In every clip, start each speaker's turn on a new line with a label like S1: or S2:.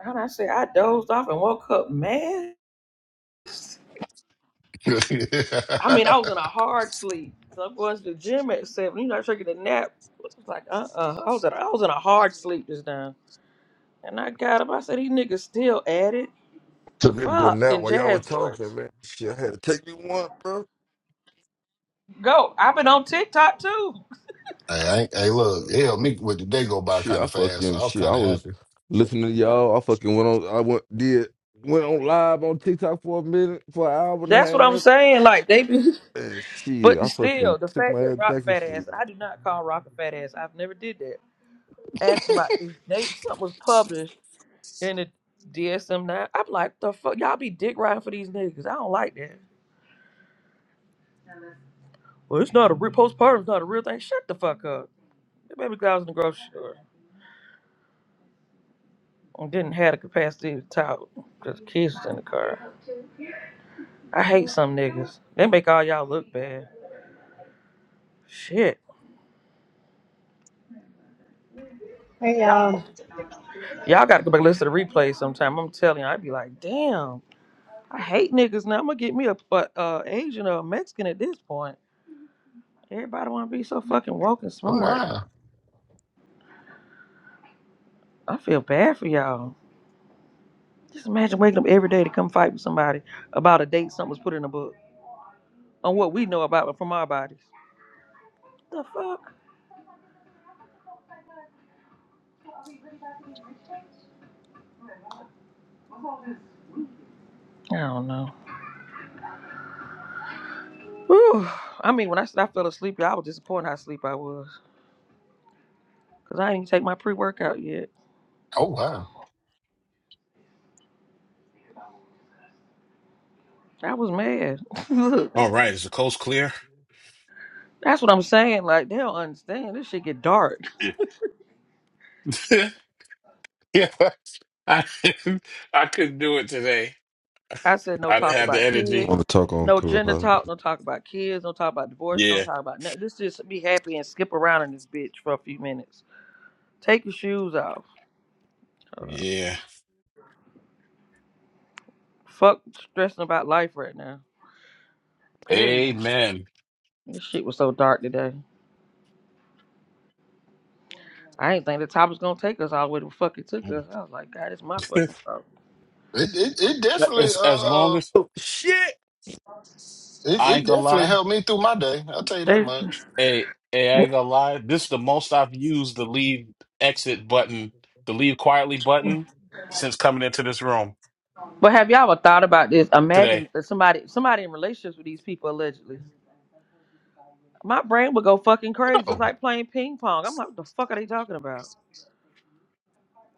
S1: And I said, I dozed off and woke up mad.
S2: hey,
S1: I mean, I was in a hard sleep because I'm going to the gym at seven. You know, taking a nap. It was like, uh, uh I was at, I was in a hard sleep just now. And I got up. I said, these niggas still at it.
S3: Took me a good nap
S1: Fucking
S3: while y'all
S1: jazz
S3: was talking,
S1: boys.
S3: man. Shit, I had to take me one, bro.
S1: Go. I've been on TikTok too.
S2: I ain't- hey, look, hell, me with the day go by
S3: Shit,
S2: kind
S3: I
S2: of fast, so
S3: fucking
S2: I was
S3: shit. I
S2: kind of
S3: was
S2: happy.
S3: listening to y'all. I fucking went on. I went did went on live on TikTok for a minute, for an hour and
S1: That's what
S3: a
S1: I'm
S3: half.
S1: saying. Like they be,
S3: And shit,
S1: but
S3: I
S1: still,
S3: fucking
S1: the
S3: took
S1: fact
S3: my
S1: that
S3: ass
S1: Rock
S3: back to
S1: fat
S3: sleep.
S1: ass. I do not call Rock a fat ass. I've never did that. Asking about this date. Something was published. in the DSM nine. I'm like, the fuck, y'all be dick riding for these niggas. I don't like that. Well, it's not a real postpartum's not a real thing. Shut the fuck up. The baby girl was in the grocery store and didn't have the capacity to talk because kids was in the car. I hate some niggas. They make all y'all look bad. Shit.
S4: Hey y'all,
S1: Y'all gotta go back and listen to the replay sometime. I'm telling you, I'd be like, damn, I hate niggas now. I'm gonna get me a, a, a Asian or a Mexican at this point. Everybody wanna be so fucking woke and
S2: Oh
S1: smart.
S2: wow,
S1: I feel bad for y'all. Just imagine waking up every day to come fight with somebody about a date something was put in a book on what we know about from our bodies. The fuck? I don't know. Whew. I mean, when I said I fell asleep, y'all, I was disappointed how asleep I was. Because I didn't even take my pre workout yet.
S2: oh wow,
S1: I was mad. Look,
S5: All right, is the coast clear?
S1: that's what I'm saying. Like, they don't understand. This shit get dark.
S5: Yeah, yeah. I didn't- I couldn't do it today.
S1: I said, no
S5: I didn't
S1: talk
S5: have the
S1: about kids.
S5: energy.
S3: want to talk on
S1: No gender
S3: Clubhouse.
S1: talk. No talk about kids. No talk about divorce. Don't
S5: Yeah,
S1: talk about nothing. Let's just be happy and skip around in this bitch for a few minutes. Take your shoes off.
S5: yeah.
S1: Fuck stressing about life right now. Goodness.
S5: Amen.
S1: This shit was so dark today. I didn't think the top was gonna take us all the way to fuck it took us. I was like, God, it's my fucking problem.
S2: it it, it definitely
S5: As as long
S2: uh,
S5: as
S3: Oh shit!
S2: it,
S5: I
S2: it
S5: ain't gonna
S2: definitely
S5: lie,
S2: helped me through my day. I'll tell you that
S1: They-
S2: much.
S5: hey, hey, I ain't gonna lie. This is the most I've used the leave exit button, the leave quietly button, since coming into this room
S1: but have y'all ever thought about this?
S5: today.
S1: Imagine that somebody somebody in relationships with these people allegedly. My brain would go fucking crazy. It's
S2: Oh,
S1: like playing ping pong. I'm like, what the fuck are they talking about?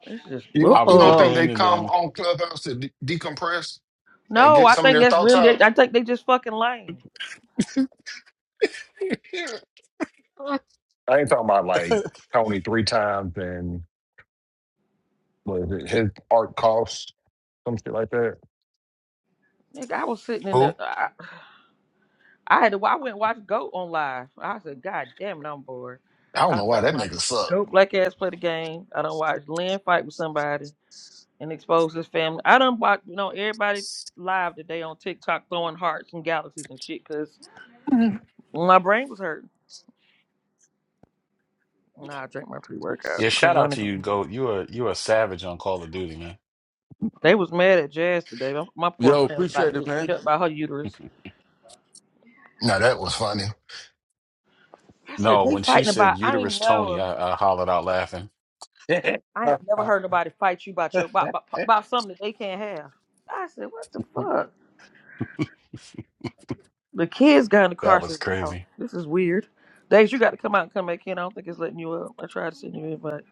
S1: It's just
S2: you don't
S5: I
S2: you
S5: would
S2: don't
S5: dip
S2: think
S1: oh
S2: they
S5: in and
S2: come
S5: then
S2: on Clubhouse to de- decompress and
S1: no,
S2: get
S1: I
S2: some of
S1: think
S2: their
S1: that's
S2: thoughts
S1: really
S2: out?
S1: I think they just fucking lame.
S2: I ain't talking about like Tony three times and was it his art cost some shit like that.
S1: Nigga, I was sitting in the.
S5: who?
S1: I, I had to. I went and watched Goat on live. I said, God damn it, I'm bored.
S2: I
S1: I
S2: don't know why
S1: went and
S2: that
S1: watched
S2: nigga sucked.
S1: Goat Black Ass play the game. I done watched Lynn fight with somebody and expose his family. I done watch you know everybody live today on TikTok throwing hearts and galaxies and shit because my brain was hurting. Nah, I drank my pre workout
S5: Yeah,
S1: because
S5: shout out to you, Goat. You are you are savage on Call of Duty, man.
S1: they was mad at Jazz today. My, my poor
S3: Yo,
S1: friend was about to
S3: appreciate it,
S1: get beat
S3: man.
S1: up by her uterus.
S2: Now that was funny.
S1: I said
S5: No,
S1: they
S5: when she
S1: fighting about.
S5: said
S1: I ain't
S5: uterus Tony,
S1: never,
S5: I, I hollered out laughing. that
S1: I ain't never heard nobody fight you about your about, about, about something that they can't have. I said, what the fuck? The kids got in the car and
S5: was
S1: said, Wow,
S5: crazy.
S1: this is weird. Days, you got to come out and come back in. I don't think it's letting you up. I tried to send you an invite.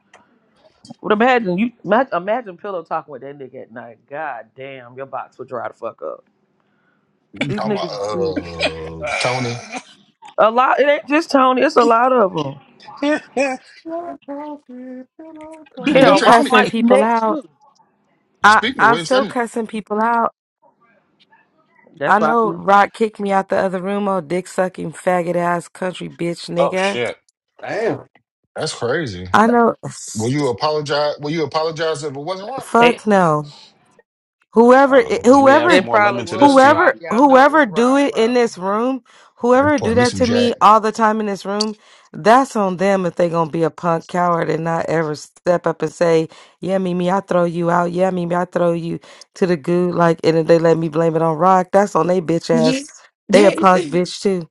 S1: But imagine you ma- imagine pillow talking with that nigga at night. God damn, your box would dry the fuck up. These
S2: talking
S1: niggas
S2: about
S1: is weird.
S2: uh Tony.
S1: A lot, it ain't just Tony. It's a lot of them.
S2: Nigga
S6: still
S1: Hell,
S2: text
S1: Rock
S2: me.
S6: cussing
S1: might be
S6: people
S1: next
S6: out.
S1: too.
S6: I,
S2: Speaking of
S6: I'm
S2: which,
S6: still
S2: that,
S6: cussing people out.
S1: That's
S6: I
S1: why I
S6: know
S1: mean,
S6: Rock kicked me out the other room, oh dick sucking faggot ass country bitch
S5: oh
S6: nigga.
S5: shit.
S3: Damn.
S2: that's crazy.
S6: I know.
S2: Will you apologize? Will you apologize if it wasn't wrong?
S1: it,
S6: Fuck no. Whoever,
S2: Oh, it
S5: Let
S2: wasn't.
S5: me add
S6: whoever,
S5: some
S1: it
S5: more
S1: probably
S5: lemon to this
S1: was
S5: tea.
S1: Rock.
S6: whoever,
S1: Y'all know it was
S6: whoever do
S1: Rock,
S6: it in
S1: probably.
S6: this room,
S2: I
S6: whoever do
S2: poured me
S6: that
S2: some
S6: to
S2: Jack.
S6: me all the time in this room, that's on them if they gonna be a punk coward and not ever step up and say, "Yeah, Mimi, I throw you out. Yeah, Mimi, I throw you to the goo." Like, and if they let me blame it on Rock, that's on they bitch
S7: Yeah.
S6: ass. They a
S7: there's.
S6: punk bitch too.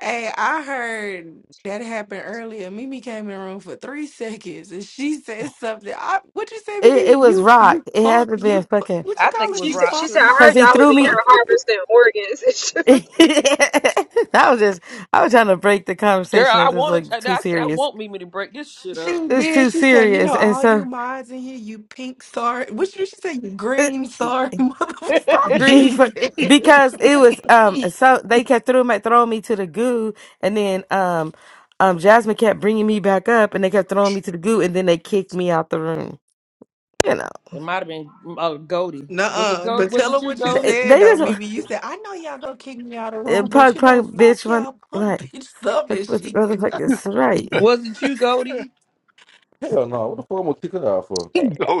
S7: hey, I heard that happened earlier. Mimi came in the room for three seconds and she said something. I, what you say,
S6: It, it
S7: Mimi?
S6: was
S7: You
S6: Rock.
S7: you
S6: It had
S7: punk,
S6: not been
S7: you
S6: fucking
S7: what you
S1: I think
S7: call
S1: it
S7: it?
S1: was
S8: She
S7: You
S8: said
S1: Rock
S8: she
S7: punk
S8: said
S1: too.
S8: her
S6: because
S7: mod
S6: he
S8: job was
S6: threw
S8: in
S6: me.
S8: here
S7: motherfucker.
S8: harvesting organs It's just.
S6: that was just I was trying to break the
S1: Girl,
S6: conversation
S1: I
S6: that was
S1: wanted.
S6: like too
S1: I said I
S6: serious.
S1: want Mimi to break this shit
S7: She
S1: up.
S6: it's
S7: did.
S6: too
S7: She said, you know,
S6: serious and
S7: all you
S6: so
S7: mods in here, you pink sorry. What did she say? You
S6: it,
S7: green sorry motherfucker. She
S6: grief
S7: said.
S6: because it was um so they kept throwing my throwing me to the goo and then um um jasmine kept bringing me back up and they kept throwing me to the goo and then they kicked me out the room you know
S1: It might have been uh, Goldie. Was it
S7: Nuh-uh.
S1: Gold?
S7: But
S1: Was
S7: tell her
S1: it you,
S7: what you
S1: Goldie?
S6: they, they
S7: said though,
S6: just
S7: Mimi. You said, I know y'all gonna kick me out of the room, but
S6: pug
S7: you know,
S6: pug bitch
S7: fuck
S6: one
S7: y'all punk
S6: like
S7: bitch stuff and
S6: fuck with the
S7: shit.
S6: motherfuckers right
S1: Was it you, Goldie?
S3: Hell no! What the fuck am I gonna kick it out for?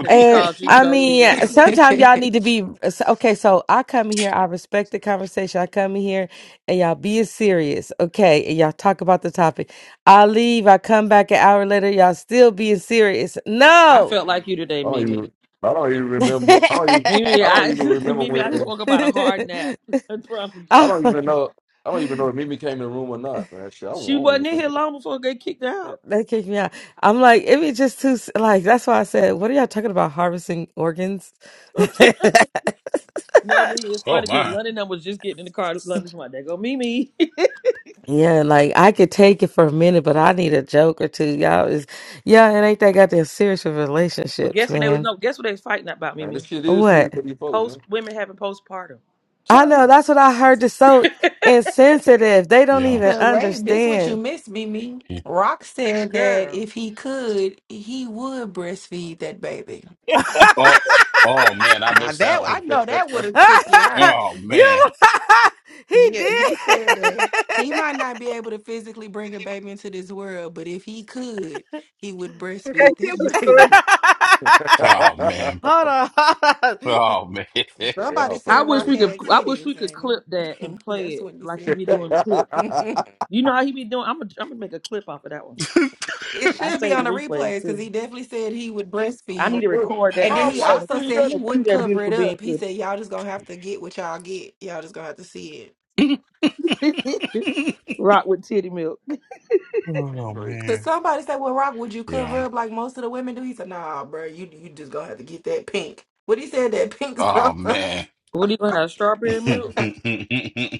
S1: Because she
S6: And
S1: called you
S6: I
S1: Goldie the
S6: mean,
S1: other day.
S6: sometimes y'all need to be so- okay. So I come in here, I respect the conversation. I come in here and y'all be serious, okay? And y'all talk about the topic. I leave, I come back an hour later, y'all still being serious.
S1: I
S6: No,
S1: felt like you today,
S3: I don't
S1: Mimi.
S3: even. I don't even remember. I don't even.
S1: Mimi,
S3: I don't
S1: I
S3: even remember
S1: Mimi, I just
S3: when.
S1: woke up out a hard nap. I promise
S3: I
S1: you.
S3: don't
S6: I-
S3: even know. I don't even know if Mimi came in the room or not, man. Shit, I won't I
S1: She
S3: don't even
S1: wasn't in here
S3: remember that.
S1: long before I got kicked out.
S6: that kicked me out. I'm like, it be just too, like, that's why I said, what are y'all talking about? Harvesting organs?
S1: No, Mimi, it's
S5: oh
S1: funny because
S5: my.
S1: London and was just getting in the car. London's my day. Go, Mimi.
S6: Yeah, like I could take it for a minute, but I need a joke or two. Y'all is yeah, it ain't that goddamn serious with
S1: but
S6: relationships,
S1: guess what they was
S6: man.
S1: no. Guess what they was fighting about,
S3: Man, this
S1: Mimi?
S3: shit is
S6: What?
S3: serious for these folks,
S1: Post
S3: man.
S1: women having postpartum.
S6: I
S3: Tell
S6: know,
S3: me.
S6: that's what I heard. It's so insensitive. They don't
S5: Yeah.
S6: even
S7: But wait, this what you
S6: understand.
S7: missed, Mimi. Rock said that
S1: Girl,
S7: if he could, he would breastfeed that baby.
S5: Oh oh man, I
S7: Now
S5: missed that
S7: that I
S5: one.
S7: know that would have took you out.
S5: Oh
S6: you
S5: man.
S6: he
S7: Yeah,
S6: did.
S7: he said that he might not be able to physically bring a baby into this world, but if he could, he would
S8: it
S7: breastfeed
S8: was
S7: that
S8: fun.
S7: baby.
S5: Oh man.
S6: hold on, hold on.
S5: Oh man.
S3: Y'all
S7: Somebody
S1: I
S3: fucking
S7: said
S1: wish
S7: Rock
S1: we
S3: crazy.
S1: could.
S7: had
S1: I wish we
S7: titties,
S1: could clip that and
S7: and
S1: play
S7: that's
S1: it
S7: when he
S1: like you
S7: said
S1: be doing the clip.
S7: that.
S3: I
S1: You know how he be doing. I'm gonna I'm gonna make a clip off of that one.
S7: it
S1: I
S7: should be
S1: saved the
S7: on the
S1: replays
S7: replays because
S1: too.
S7: he definitely said he would
S1: I need
S7: breastfeed
S1: to
S3: bro,
S1: record
S5: That
S1: that
S7: And
S1: and
S3: I
S7: then he
S1: put,
S5: ass.
S1: I'm
S3: bro,
S1: gonna
S7: also
S3: see
S7: said
S3: that
S7: he
S1: cue
S7: wouldn't
S1: that
S7: cover
S1: beautiful
S7: it
S1: being
S7: up. He
S1: with
S7: said, Y'all just gonna have to get what y'all get. Y'all just gonna have to see it.
S1: it. Rock with titty milk.
S5: oh
S3: crazy,
S7: Cause
S5: man.
S7: somebody said, Well, Rock, would you
S5: Yeah.
S7: cover up like most of the women do? He said, Nah, bro, you you just gonna have to get that pink. But he said that pink
S5: Oh
S7: stuff.
S5: man.
S1: What are you gonna have? Strawberry milk?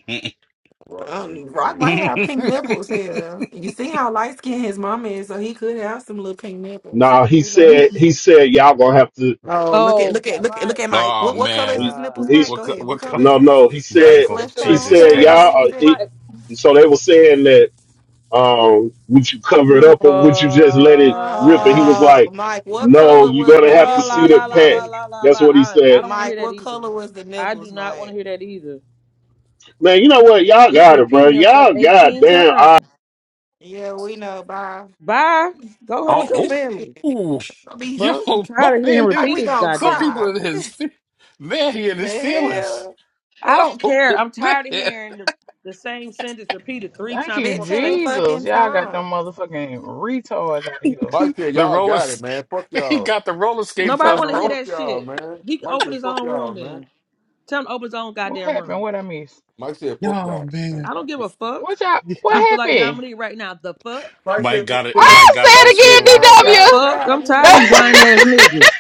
S3: bro, crazy
S7: um, Rock
S3: man.
S7: might have pink nipples here. You see how light skinned his mama is, so he could have some little pink nipples.
S9: No, he
S7: Who
S9: said
S7: knows?
S9: he said y'all gonna have to.
S7: Oh, look at
S1: Oh
S7: look at
S1: God,
S7: look at
S1: my
S7: look at Mike.
S5: oh
S7: What
S1: oh
S7: what color is
S5: man,
S9: He,
S7: his nipples,
S1: gosh,
S7: Mike?
S9: he's
S5: what
S7: Go
S5: co-
S7: ahead. What
S5: what
S7: color
S5: cup,
S7: is
S9: no
S7: them?
S9: no. He
S7: Are they
S9: said
S1: it's
S5: Michael?
S7: flesh
S1: a
S9: he
S7: tone?
S5: Jesus
S9: said
S7: What
S1: repetitive
S7: color
S5: Christ!
S9: y'all.
S7: he
S9: Are,
S1: thing.
S7: said?
S9: he,
S1: My
S9: so they were saying that um, would you cover it up
S1: oh,
S9: or would you just let it rip? And he was
S7: Oh,
S9: like,
S7: Mike, what
S9: No,
S7: color
S9: you're
S1: oh
S7: was the
S9: gonna have to
S1: la
S9: see
S7: nipples,
S9: the
S1: la la la
S9: pack.
S7: Mike?
S1: la la
S9: That's
S1: la.
S9: what he
S1: I I
S9: said.
S1: don't want to hear
S7: Mike,
S1: that
S7: what
S1: either.
S7: color was the
S1: I do
S7: nipples,
S1: not want to
S7: Mike?
S1: hear that either.
S9: Man, you know what? Y'all
S1: It's
S9: got it, bro.
S1: repeating yourself
S9: Y'all
S1: 18
S9: goddamn
S1: times.
S7: Yeah, we know, bye.
S1: Bye. Go home with your
S5: Oh,
S1: family.
S7: Shit.
S5: oh, Ooh.
S7: Gonna
S1: The
S7: Be
S5: yo,
S1: fuck?
S5: my
S1: Tired of hearing
S5: man!
S7: like
S5: is-
S1: repeat
S7: we
S1: his
S7: gonna
S5: Some
S1: goddamn
S5: people
S1: self.
S7: cry.
S5: in his fe- man, he in
S7: the
S5: his feelings.
S7: hell?
S1: I
S5: Oh
S1: don't care. I'm
S5: man,
S1: tired of hearing the, the same sentence repeated three
S10: Thank
S1: times
S10: you,
S1: before the
S7: Fifteen
S1: statement.
S10: Jesus.
S7: fucking
S10: Y'all got
S7: time.
S10: them motherfucking retards out of here.
S3: Mike said,
S5: the
S3: "Y'all
S5: roller
S3: got it,
S5: s-
S3: man. Fuck
S5: he
S3: y'all,
S5: got the roller skates
S1: Nobody
S5: on the
S1: want to hear
S5: roll.
S3: fuck
S1: that
S3: y'all,
S1: shit.
S3: man."
S1: He can
S3: Mike
S1: open
S3: said,
S1: his
S3: "Fuck
S1: own room
S3: y'all, man."
S1: then. Tell him to open his own
S10: What
S1: goddamn
S10: happened?
S1: room.
S10: What I miss?
S3: Mike said, "Fuck
S5: Oh
S3: y'all."
S5: man,
S1: I don't give a fuck.
S10: What y'all? What
S1: I feel like
S10: happened?
S1: Dominique right now. The fuck?
S3: Mike
S5: Mike
S3: said,
S5: got it. Mike got it.
S3: "Mike
S5: His
S3: said, y'all
S5: feelings.
S1: The
S3: got it,
S10: I
S1: fuck?
S3: got
S1: I'm
S10: said
S3: me,
S1: tired of
S10: again,
S1: these
S10: DW.
S3: man."
S1: whining ass niggas.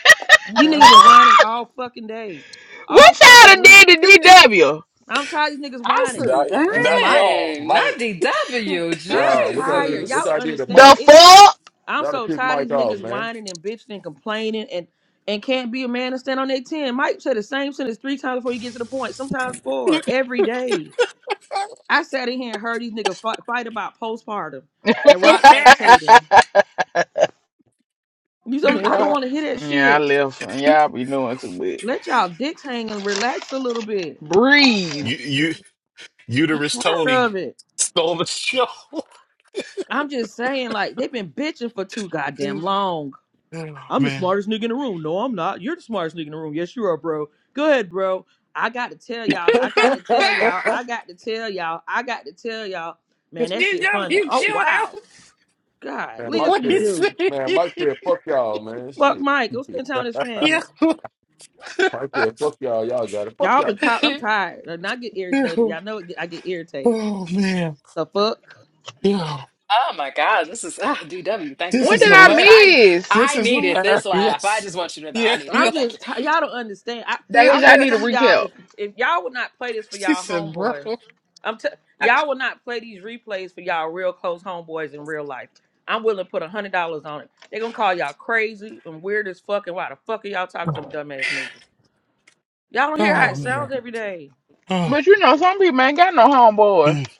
S1: These niggas been whining all fucking day.
S10: what
S1: All
S10: y'all
S1: fucking
S10: done
S1: week.
S10: did to DW?
S1: I'm tired of these niggas whining.
S5: Not
S11: said,
S7: That's
S5: not
S7: Mike.
S5: y'all,
S11: dang, not
S5: Mike.
S11: DW,
S1: I'm
S3: Nah, what y'all
S1: tired.
S3: did?
S1: Y'all
S3: What
S11: Jesus.
S1: don't
S3: y'all did to
S1: understand.
S3: Mike?
S10: The
S1: I'm
S3: Y'all done
S1: so
S3: pissed
S1: tired of
S3: Mike
S1: these
S3: off,
S1: niggas
S3: man.
S1: whining and bitching and complaining and and can't be a man and stand on their ten. Mike said the same sentence three times before you get to the point. Sometimes four every day. I sat in here and heard these niggas fight, fight about postpartum and rock lactating.
S10: fuck?
S1: You some, I don't
S7: Yeah.
S1: want to hear that
S10: yeah, I
S1: shit.
S10: left. Y'all be doing too much.
S1: Let y'all dicks hang and relax a little bit.
S10: Breeze.
S5: you you
S1: I'm
S5: uterus
S1: tired
S5: Tony
S1: of it.
S5: stole the show.
S1: I'm just saying, like they've been bitching for too goddamn long.
S5: Oh
S1: I'm the
S5: man.
S1: smartest nigga in the room. No, I'm not. You're the smartest nigga in the room. Yes, you are, bro. Go ahead, bro. I got to tell y'all. I got to tell y'all. I got to tell y'all. I got to tell y'all. Man,
S5: Did
S1: that shit
S5: you
S1: funny. Oh
S5: chill
S1: wow.
S5: out?
S1: God,
S3: Man,
S1: leave
S3: Mike
S1: us
S5: What
S1: what he
S3: said,
S5: is
S1: do.
S3: man, Mike
S5: that?
S3: said, fuck y'all, man.
S1: Fuck
S3: Shit.
S1: Mike. Go spend time with his family.
S5: Yo.
S3: Mike said, fuck y'all, y'all got it. Fuck
S1: Y'all been
S3: y'all.
S1: caught. I'm tired. And I get irritated.
S5: Yo.
S1: Y'all know it get, I get irritated.
S5: Oh man.
S1: The fuck.
S5: Yo.
S11: Oh my God, this is ah, DW. Thank you.
S5: This
S11: I
S10: What
S5: is
S10: did
S11: needed
S10: I
S11: this.
S5: hilarious.
S11: I
S10: miss?
S5: This
S11: I
S5: is
S11: needed this laugh. I
S5: hilarious.
S11: just want you to know
S5: Yeah.
S11: I needed
S5: yo.
S1: I'm
S11: it. Thank
S1: just
S11: you.
S1: ti- y'all don't understand. I I
S10: Days y'all
S1: want
S10: need a
S1: some of y'all
S10: recap.
S1: if if y'all would not play this for
S5: she
S1: y'all
S5: said, bro.
S1: homeboys. I'm t- y'all will not play these replays for y'all real close homeboys in real life. I'm willing to put a hundred dollars on it. They're gonna call y'all crazy and weird as fuck. And why the fuck are y'all talking to them dumbass niggas? Y'all don't hear how
S5: Oh
S1: it sounds
S5: man.
S1: every day.
S5: Oh.
S10: But you know, some people ain't got no homeboy.
S5: Mm.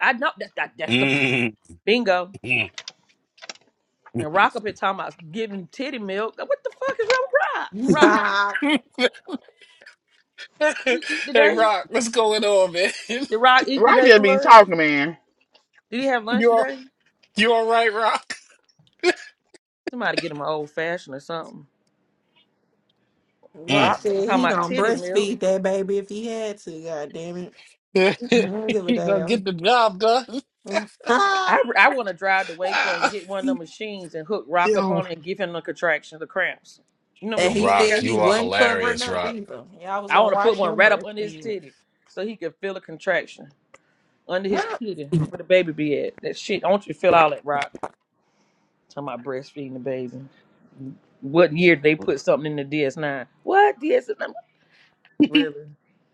S1: I know that, that that's the
S5: Mm.
S1: bingo.
S5: Mm.
S1: And Rock up here talking about giving titty milk. What the fuck is wrong with Rock? Rock,
S7: nah,
S1: did he eat
S5: hey
S1: today?
S5: Rock, what's going on, man?
S1: Did Rock eat
S10: Right?
S1: today for
S10: Just be
S1: lunch?
S10: talking, man.
S1: Did he have lunch
S5: You all,
S1: today?
S5: you all right, Rock?
S1: Somebody get him an old fashioned or something.
S7: Rock
S1: Rock
S7: said
S1: talking
S7: he
S1: about
S7: gonna
S1: titty milk.
S7: breastfeed that baby if he had to. God damn it,
S5: you
S7: I don't give a
S5: gonna get the job done.
S7: damn.
S1: I, I want to drive to Waco and
S5: Ah,
S1: get one of the machines and hook Rock up
S5: Yo.
S1: on it and give him the contractions, the cramps. You know the
S7: And
S5: Yo,
S7: he
S1: machine they
S5: Rock,
S1: got?
S7: said
S5: you
S7: he
S5: are
S7: wasn't covering
S5: hilarious,
S7: up
S5: Rock.
S7: either. Y'all was
S1: I
S7: gonna
S1: want to put
S7: watch
S1: one
S7: him
S1: right up under his
S7: breastfeed.
S1: titty so he can feel a contraction under his titty where the baby be at. That shit, I want you to feel all that Rock. Talking about breastfeeding the baby. What year did they put something in the DS9? What DS9? Really?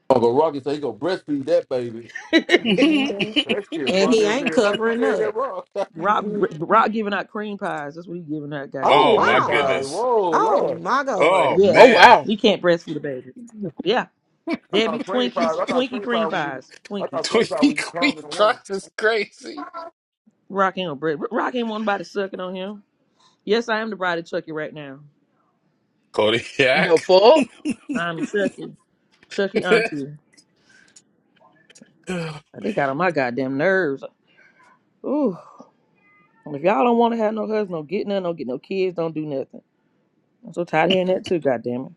S3: Uncle Rocky said he gonna breastfeed that baby. That shit
S7: and he
S3: funny as
S7: ain't
S3: hell. Rocky
S7: covering
S3: said
S7: up.
S3: that wrong.
S1: Rock,
S7: Mhm.
S1: Rock giving out cream pies. That's what he giving out.
S7: Oh
S5: Oh
S1: Goddamn.
S5: my
S3: cream pies.
S7: wow.
S5: goodness.
S3: Whoa,
S7: Oh
S3: Lord.
S7: my God.
S5: Oh
S10: Oh
S1: Yes,
S5: man.
S10: wow.
S1: we can't breastfeed a baby. Yeah,
S3: I
S1: Debbie
S3: thought cream pies.
S1: Twinkies,
S3: I thought
S1: Twinkie
S3: cream
S1: cream
S3: pies when you
S1: pies,
S3: I thought
S1: Twinkies.
S3: cream pie when
S5: Twinkie
S3: you
S5: Queen
S3: come with a woman.
S5: Rock is crazy.
S1: Rockin' on bread. Rockin' want nobody sucking on him. Yes, I am the bride of Chucky right now.
S10: The
S5: Kodiak.
S10: fuck?
S1: I'm Chucky, Chucky auntie.
S5: no.
S1: They got on my goddamn nerves. Ooh, if y'all don't want to have no husband, don't get none, don't get no kids, don't do nothing. I'm so tired of hearing that too. Goddamn it,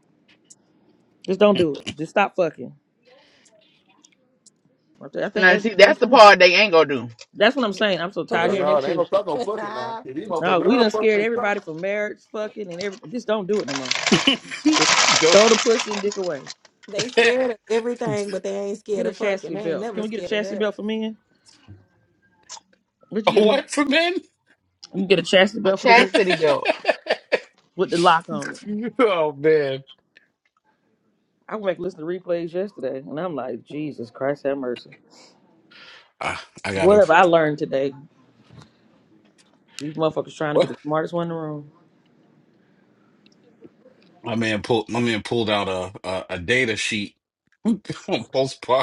S1: just don't do it. Just stop fucking. I think
S10: Now
S1: that's the
S10: see, that's
S1: best
S10: the
S1: thing.
S10: part they ain't gonna do.
S1: That's what I'm saying. I'm so tired of
S3: Hell
S1: hearing
S7: Correct.
S3: no,
S1: that
S3: they ain't
S1: too.
S3: gonna stop no fucking now. Shit, These
S1: No,
S3: motherfuckers
S1: we
S3: love
S1: done
S3: fucking
S1: scared
S3: and
S1: everybody
S3: sucking.
S1: from marriage, fucking, and everything. Just don't do it no more. Just, just, just throw the pussy and dick away.
S7: they
S5: A
S7: scared of everything, but they ain't
S1: Get
S7: scared
S1: a
S7: of fucking.
S1: chastity
S7: They ain't
S1: belt. Can
S7: never
S1: we get a
S7: scared of
S1: chastity
S7: that.
S1: belt for men? Would you get one?
S5: what for men?
S1: You can get a chastity
S10: A
S1: belt for the women
S10: chastity belt.
S1: with the lock on it.
S5: oh man.
S1: I went back and listened to replays yesterday, and I'm like, Jesus Christ, have mercy.
S5: I, I
S1: What
S5: gotta.
S1: have I learned today? These motherfuckers trying to be
S5: What?
S1: the smartest one in the room.
S5: My man pulled. My man pulled out a a, a data sheet on postpartum.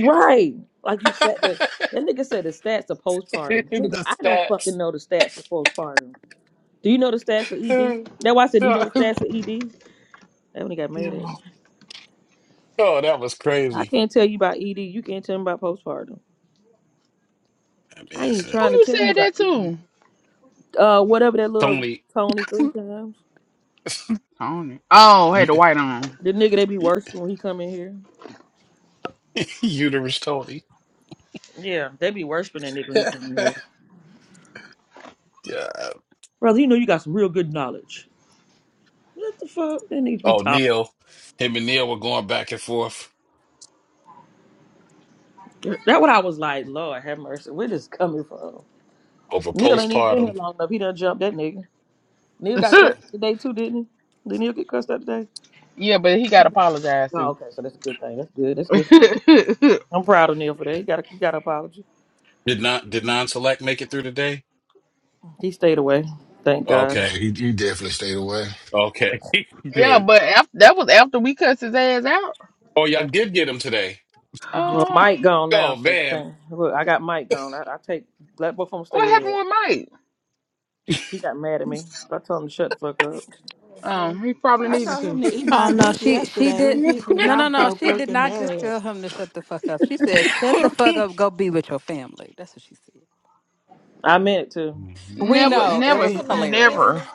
S1: Right. Like you said that. That nigga said the stats of postpartum. Nigga,
S5: the
S1: I don't fucking
S5: stats.
S1: know the stats of postpartum. Do you know the stats of ED? That's why I said, do you know the stats of ED? That when he got mad at me.
S5: oh, that was
S1: I
S5: crazy.
S1: can't tell you about ED. You can't tell me about postpartum.
S5: I mean,
S1: I ain't
S5: it's,
S1: even
S10: Who
S5: uh,
S1: trying to
S10: you
S1: tell you
S10: said
S1: about
S10: that to?
S1: ED. Uh, whatever that little
S5: Tony,
S1: Tony three times.
S10: Tony. Oh, had the
S5: u-
S10: white on.
S1: The nigga they be worshiping when he come in here.
S5: uterus Tony.
S1: Yeah, they be worshiping that nigga when he
S5: yeah.
S1: come in here. Brother, you know you got some real good knowledge. What the fuck? That needs to be
S5: Oh,
S1: taught.
S5: Neil. Him and Neil were going back and forth
S1: That what I was like, Lord have mercy. Where this coming from?
S5: over
S1: Neil ain't even been here
S5: postpartum.
S1: long enough. He done jumped that nigga. Neil
S5: Let's
S1: got
S5: see.
S1: cussed out today too, didn't he? Did Neil get cussed out today?
S10: yeah, but he got apologized
S1: Oh,
S10: to.
S1: okay, so that's a good thing. That's good. That's good for Neil. I'm proud of Neil for that. He got a, he got an apology.
S5: Did not did non select make it through today?
S1: He stayed away. Thank God.
S2: Yeah,
S5: Okay.
S2: he, he definitely stayed away.
S5: Okay.
S10: yeah,
S5: Good.
S10: but af that was after we cussed his ass out.
S5: Oh, y'all did get him today.
S1: Well,
S10: Uh,
S1: Mike gone now,
S5: Oh
S1: so
S5: man.
S1: thank. Look, I got Mike gone. I, I take let both of them stay
S10: what
S1: with
S10: happened
S1: Ed.
S10: with Mike?
S1: He got mad at me. I told him to shut the fuck up.
S7: Mhm.
S10: Um, he probably
S7: I
S10: needed
S7: told him
S10: to.
S7: to eat
S11: Oh
S7: my
S11: no,
S7: dick
S11: she she
S7: yesterday. He
S11: did
S7: pissed me
S11: no
S7: off
S11: no no,
S7: so
S11: she did
S7: fucking
S11: not just
S7: bad.
S11: tell him to shut the fuck up. She said, Shut the fuck up,
S5: Mhm.
S11: go be with your family. That's what she said.
S1: I meant it to.
S11: We
S7: He
S10: Never,
S7: been
S11: know it was
S10: never,
S7: catching the
S11: hilarious.
S7: end.
S10: never.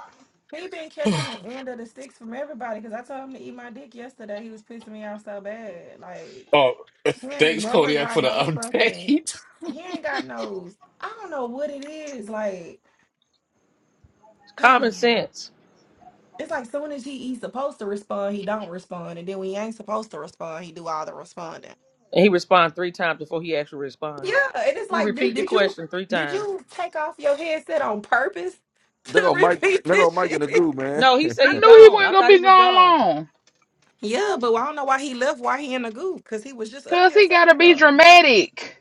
S7: He been catching the end of the sticks from everybody because I told him to eat my dick yesterday. He was pissing me off so bad. Like
S5: Oh,
S7: he ain't
S5: thanks,
S7: never
S5: Kodiak, for
S7: got
S5: the
S7: no fucking.
S5: update.
S7: He ain't got no. I don't know what it is. Like
S1: It's common
S7: it's
S1: sense.
S7: like soon as he he's supposed to respond, he don't respond, and then when he ain't supposed to respond, he do all the responding.
S1: And he responded three times before he actually responded.
S7: Yeah, and it's like, did
S1: Read The
S7: did you
S1: question three
S7: did
S1: times.
S7: you take off your headset on purpose
S3: They
S7: to
S3: go Mike,
S7: repeat
S3: they
S7: this
S3: go Mike in the
S7: shit?
S3: goo, man.
S1: No, he said
S10: I
S1: he
S10: knew he
S1: gone.
S10: wasn't
S1: I
S10: gonna
S1: thought he
S10: be
S1: was
S10: gone
S1: gone.
S10: long.
S7: Yeah, but I don't know why he left. Why he in the goo? Because he was just up
S10: Cause
S7: here a
S10: he
S7: second
S10: gotta be
S7: ago.
S10: dramatic.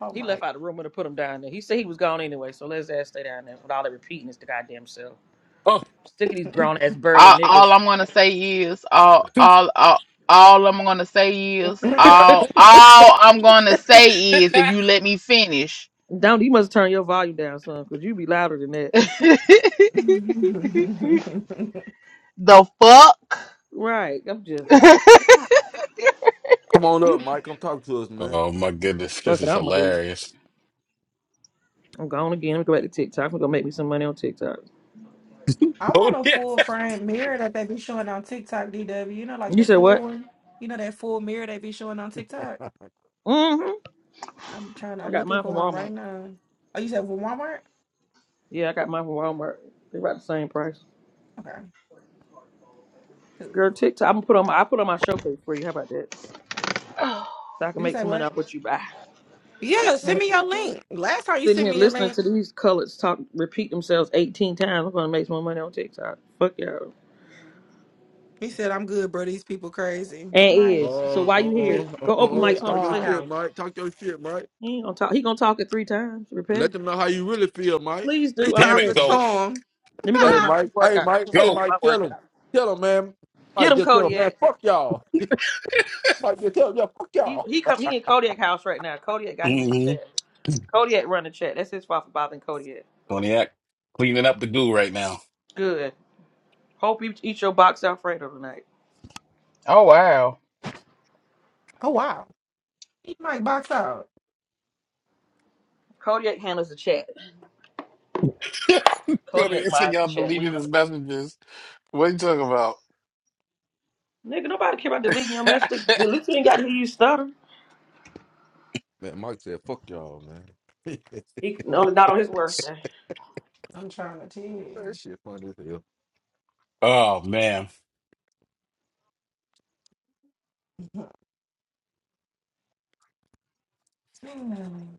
S7: Oh
S1: He
S7: my.
S1: left out the room and put him down there. He said he was gone anyway, so let's ass stay down there with all that repeating is the goddamn self.
S5: Oh,
S1: Sick of these grown ass burly
S10: all,
S1: niggas.
S10: all I'm gonna say is all all all all I'm gonna say is all all I'm gonna say is if you let me finish.
S1: Don't you must turn your volume down, son, because you be louder than that.
S10: the fuck?
S1: Right. I'm just like,
S3: Come on up, Mike. Come talk to us, man.
S5: oh my goodness,
S1: fuck
S5: this
S1: it,
S5: is
S1: I'm gonna leave.
S5: hilarious.
S1: I'm gone again. I'm gonna go back to TikTok. I'm gonna make me some money on TikTok.
S7: I want a
S5: Kodiak,
S7: full frame mirror that they be showing on TikTok, DW. You know, like
S1: You
S7: the
S1: said
S7: full
S1: what?
S7: one. You know that full mirror they be showing on TikTok.
S1: Mm-hmm.
S7: I'm trying.
S1: I
S7: I'm
S1: got
S7: looking
S1: mine from
S7: for one
S1: Walmart.
S7: right now. Oh, you said for Walmart?
S1: Yeah, I got mine from Walmart. They're about the same price.
S7: Okay, cool.
S1: Girl, TikTok. I'm gonna put on my I put on my showcase for you. How about that? So I can
S7: You
S1: make
S7: say
S1: some money
S7: what?
S1: off what you buy.
S7: Yeah, send
S3: TikTok,
S7: me your
S3: TikTok.
S7: link. Last time you
S1: Sitting
S7: sent
S1: here
S7: me a
S1: listening
S7: link,
S1: to these colors talk repeat themselves eighteen times. I'm gonna make some more money on TikTok. Fuck y'all.
S7: he said I'm good, bro. These people crazy.
S1: And
S7: Mike,
S3: Oh,
S1: is. So why
S3: oh, oh,
S1: you here?
S7: we
S3: oh, oh,
S1: Go open
S3: oh. oh,
S7: we
S1: Mike's home
S3: Talk your
S7: are
S3: shit,
S1: playhouse.
S3: Mike. Talk your shit, Mike.
S1: He ain't gonna talk he gonna talk it three times.
S3: Let
S1: Repetitive.
S3: them know how you really feel, Mike.
S1: Please do,
S7: three
S1: I'm
S5: damn
S7: times
S5: it,
S7: a
S1: ready.
S5: go,
S7: charm.
S1: Let me go
S3: Hey,
S1: get
S7: oh
S1: my free
S3: Mike. Hey,
S1: workout.
S3: Mike.
S1: You
S3: Hey,
S1: making
S5: go.
S1: my
S3: Mike. Tell them.
S1: workout.
S3: Tell them, man.
S1: Get
S3: Mike,
S1: him
S3: just tell them, man.
S1: Kodiak.
S3: Fuck y'all. Mike, just tell them, yeah, fuck
S1: He
S3: y'all.
S1: he come he in Kodiak house right now. Kodiak got him in the
S5: hmm
S1: chat. Kodiak run the chat. That's his fault for bothering Kodiak.
S5: Kodiak, cleaning up the goo right now.
S1: Good. Hope you eat your box Alfredo tonight.
S10: Oh wow.
S7: wow, he might box out.
S1: Kodiak handles the chat. Kodiak
S5: Kodiak said
S1: mods
S5: y'all
S1: the chat. We
S5: deleting
S1: know.
S5: his messages. What are you talking about?
S1: Nigga, nobody care about deleting your message. At least he ain't got to hear you stutter.
S3: Man, Mike said, fuck y'all, man. man,
S1: He no, not on his worst day.
S7: I'm trying to tell
S3: that
S7: you.
S3: shit funny as hell.
S5: oh man,
S7: Hmm.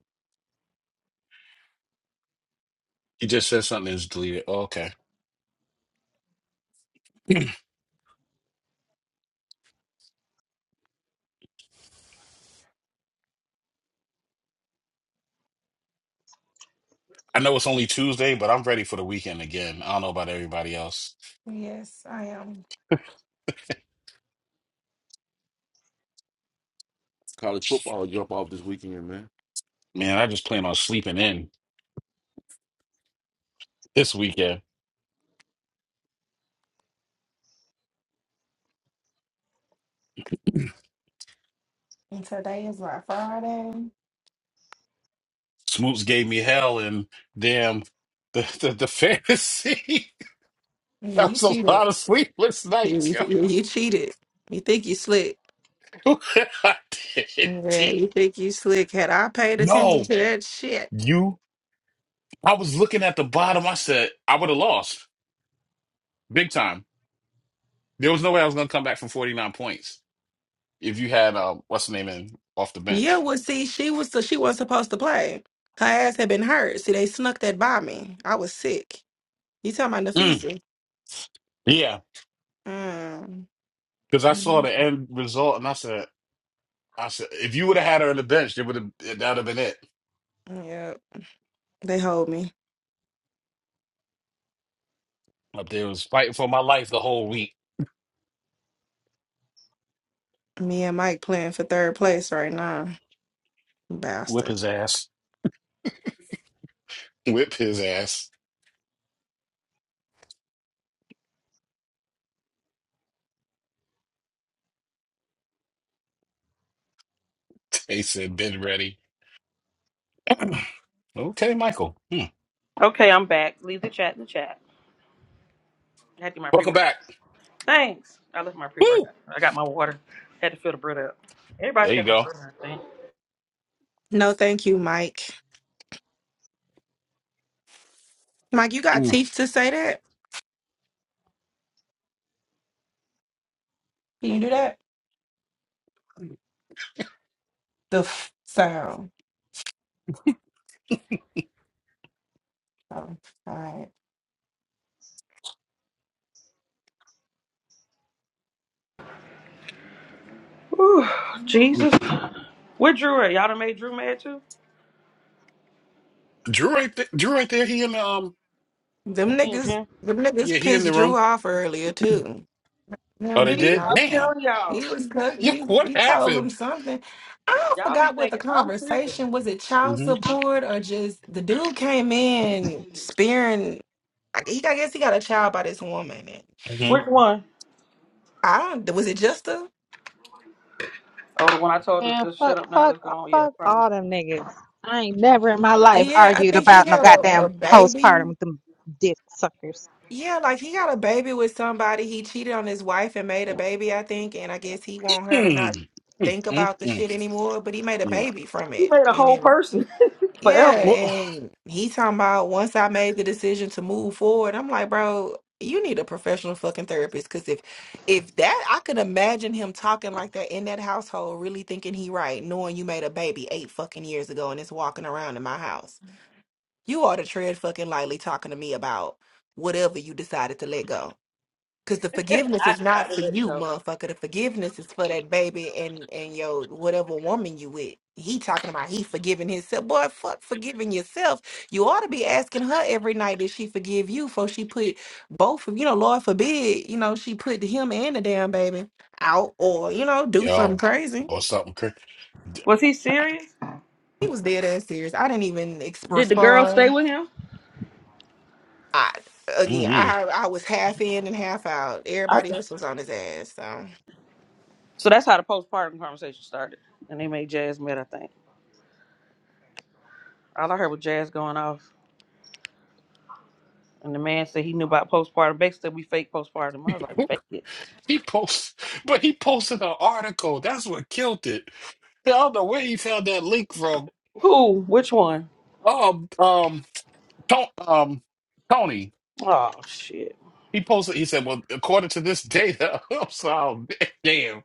S5: he just said something that's deleted. Oh, okay, I know it's only Tuesday, but I'm ready for the weekend again. I don't know about everybody else.
S7: Yes, I am.
S3: College football jump off this weekend, man.
S5: Man, I just plan on sleeping in this weekend.
S7: And today is my Friday.
S5: Smoops gave me hell and damn the the, the fantasy.
S7: Yeah,
S5: that
S7: you
S5: was a
S7: cheated.
S5: lot of sleepless
S7: Yeah,
S5: nights,
S7: you,
S5: yo.
S7: yeah, you cheated. You think you slick.
S5: I did.
S7: Yeah,
S5: T.
S7: you think you slick. Had I paid attention
S5: No,
S7: to that shit.
S5: you. I was looking at the bottom. I said I would have lost big time. There was no way I was going to come back from forty nine points if you had uh, what's the name in off the
S7: Yeah,
S5: bench.
S7: well, see, she was so she wasn't supposed to play. Her ass had been hurt. See, they snuck that by me. I was sick. You talking about
S5: Mm,
S7: Nafisi?
S5: yeah,
S7: Mm.
S5: because I saw
S7: Mm.
S5: the end result and I said. I said, if you would have had her on the bench, it would have that would have been it.
S7: Yep. They hold me.
S5: Up there was fighting for my life the whole week.
S7: Me and Mike playing for third place right now.
S5: Whip
S7: Bastard.
S5: his ass. Whip his ass. Tay said, been ready. okay, Michael. Hmm.
S1: Okay, I'm back. Leave the chat in the chat. I had to get my pre
S5: Welcome back.
S1: workout. Thanks. I left my pre
S5: Woo!
S1: workout. I got my water. Had to fill the bread up. Everybody
S5: There you
S1: should have a
S5: go.
S1: bread, I think.
S7: No, thank you, Mike. Mike, you got
S5: Mm.
S7: teeth to say that? Can you do that? The f sound. Oh, all right.
S1: Whew,
S5: Mm.
S1: Jesus. Where Drew at? Y'all done made Drew mad too?
S5: Drew ain't th- Drew ain't there. He in the um
S7: Them
S1: Yeah,
S7: niggas,
S1: Jim.
S7: them
S5: yeah,
S7: niggas
S5: he in the
S7: pissed Drew
S5: room.
S7: off earlier too.
S5: Oh,
S7: Them
S5: they
S7: did
S1: See?
S5: did?
S7: not.
S1: I'm
S5: Damn.
S1: telling y'all.
S7: He was cussing.
S5: Yeah,
S7: He,
S5: what
S7: he told him
S5: happened?
S7: something. I
S1: Y'all be
S7: forgot what the
S1: thinking I'm tripping.
S7: conversation was. It child
S5: Mm-hmm.
S7: support or just the dude came in spearing. I, he, I guess he got a child by this woman. And
S1: Which
S5: Mm-hmm.
S1: one?
S7: I don't. Was it just a?
S1: Oh, the one I told her to
S12: Man,
S1: just
S12: fuck,
S1: shut up now,
S12: fuck,
S1: let's go on. Yeah,
S12: fuck
S1: probably.
S12: all them niggas. I ain't never in my life
S7: Yeah, I
S12: argued
S7: think he
S12: about no
S7: had a, a
S12: goddamn
S7: baby.
S12: postpartum with them dick suckers.
S7: Yeah, like he got a baby with somebody. He cheated on his wife and made a baby, I think, and I guess he want her to not
S5: Mm. Mm,
S7: think
S5: mm,
S7: about the shit
S5: mm.
S7: anymore, but he made a
S5: Yeah.
S7: baby from
S1: He
S7: it.
S1: made a whole
S7: And
S1: person
S7: yeah,
S1: forever.
S5: Well
S7: and he talking about once I made the decision to move forward, I'm like, bro, you need a professional fucking therapist because if if that I could imagine him talking like that in that household, really thinking he right, knowing you made a baby eight fucking years ago and it's walking around in my house. You ought to tread fucking lightly talking to me about whatever you decided to let go. Cause the forgiveness
S1: I
S7: is not
S1: decided to
S7: for
S1: let it
S7: you,
S1: go.
S7: motherfucker. The forgiveness is for that baby and and your whatever woman you with. He talking about he forgiving himself. Boy, fuck forgiving yourself. You ought to be asking her every night that she forgive you for she put both of you know, Lord forbid, you know, she put him and the damn baby out or, you know, do something
S5: yo.
S7: crazy.
S5: Or something, Chris.
S1: Was he serious?
S7: He was dead ass serious. I didn't even ex-
S1: Did the girl stay
S7: respond.
S1: with him?
S7: I again,
S5: Mm-hmm.
S7: I I was half in and half out.
S1: I
S7: Everybody
S1: th-
S7: else was on his ass. So
S1: so that's how the postpartum conversation started. And they made Jazz mad, I think. All I heard was Jazz going off. And the man said he knew about postpartum. Basically, we fake postpartum. I was like, fake it.
S5: He post, but he posted an article. That's what killed it. I don't know where he found that link from.
S1: Who? Which one?
S5: Oh, um, Tony, um, Tony,
S1: Oh shit.
S5: he posted. He said, "Well, according to this data, I'm sorry, damn."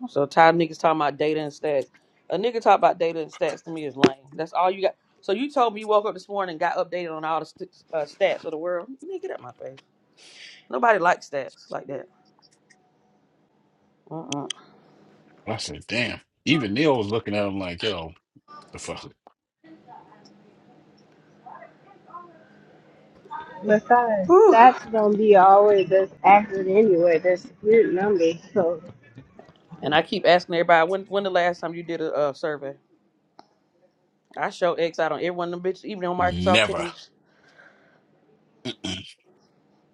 S1: I'm so tired of niggas talking about data and stats. A nigga talk about data and stats to me is lame. That's all you got. So you told me you woke up this morning and got updated on all the st- uh, stats of the world. Nigga, get out my face. Nobody likes stats like that. Mm-mm.
S5: I said, "Damn." Even Neil was looking at him like, "Yo, the fuck,
S4: besides,
S1: Whew.
S4: that's gonna be always this accurate anyway, this weird number, so
S1: And I keep asking everybody when when the last time you did a uh, survey. I show X out on every one of them bitches, even on Microsoft
S5: never."
S1: Teams.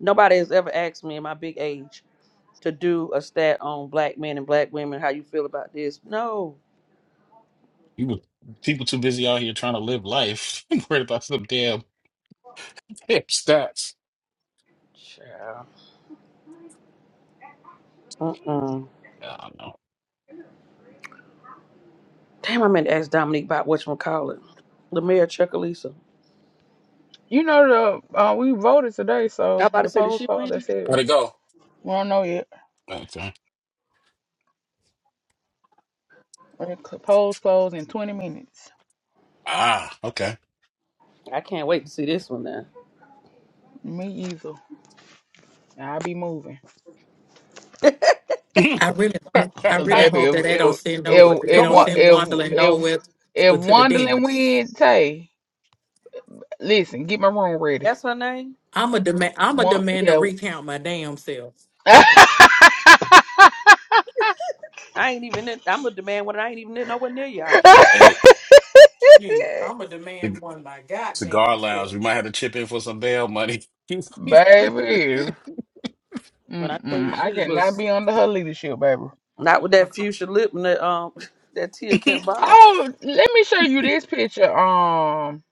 S1: Nobody has ever asked me in my big age to do a stat on black men and black women, how you feel about this. No.
S5: He was people too busy out here trying to live life, worried about some damn hip stats.
S1: Child. Mm-mm.
S5: I don't know.
S1: Damn, I meant to ask Dominique about which one call it. The mayor of Chuckalisa.
S10: You know the uh, we voted today,
S1: I
S10: so
S1: about to
S10: the
S1: say, did
S10: polls
S1: she
S10: closed.
S1: win?
S10: That's it.
S5: Where'd it go?
S10: We don't know yet.
S5: Okay.
S10: The c- polls closed in twenty minutes.
S5: Ah, okay.
S1: I can't wait to see this one now.
S10: Me either. I'll be moving.
S13: I really,
S5: Come
S13: hope- I
S10: Cause
S13: really
S10: baby,
S13: hope that
S10: if
S13: they don't
S10: if
S13: send no,
S10: if
S13: they
S10: if
S13: don't
S10: one-
S5: on.
S13: send
S10: if
S13: wandering
S10: if,
S13: nowhere
S10: if
S13: but to the
S10: Wonderland
S13: dentist.
S10: wins, hey. Listen, get my room ready.
S1: That's her name.
S13: I'm a demand, I'm a
S10: One,
S13: demand to
S10: yeah,
S13: recount my damn self.
S1: I ain't even. In, I'm a demand one. I ain't even in nowhere near y'all.
S5: Hey,
S13: Shit, I'm a
S5: the
S13: demand one my
S5: cigar
S13: goddamn
S5: lounge.
S13: self.
S5: We might have to chip in for some bail money.
S10: baby.
S1: When I tell you
S10: Mm-mm, I
S1: she
S10: cannot
S1: was
S10: be under her leadership, baby.
S1: not with that fuchsia lip and that um that Tia Kent Bob.
S10: Oh, let me show you this picture. Um,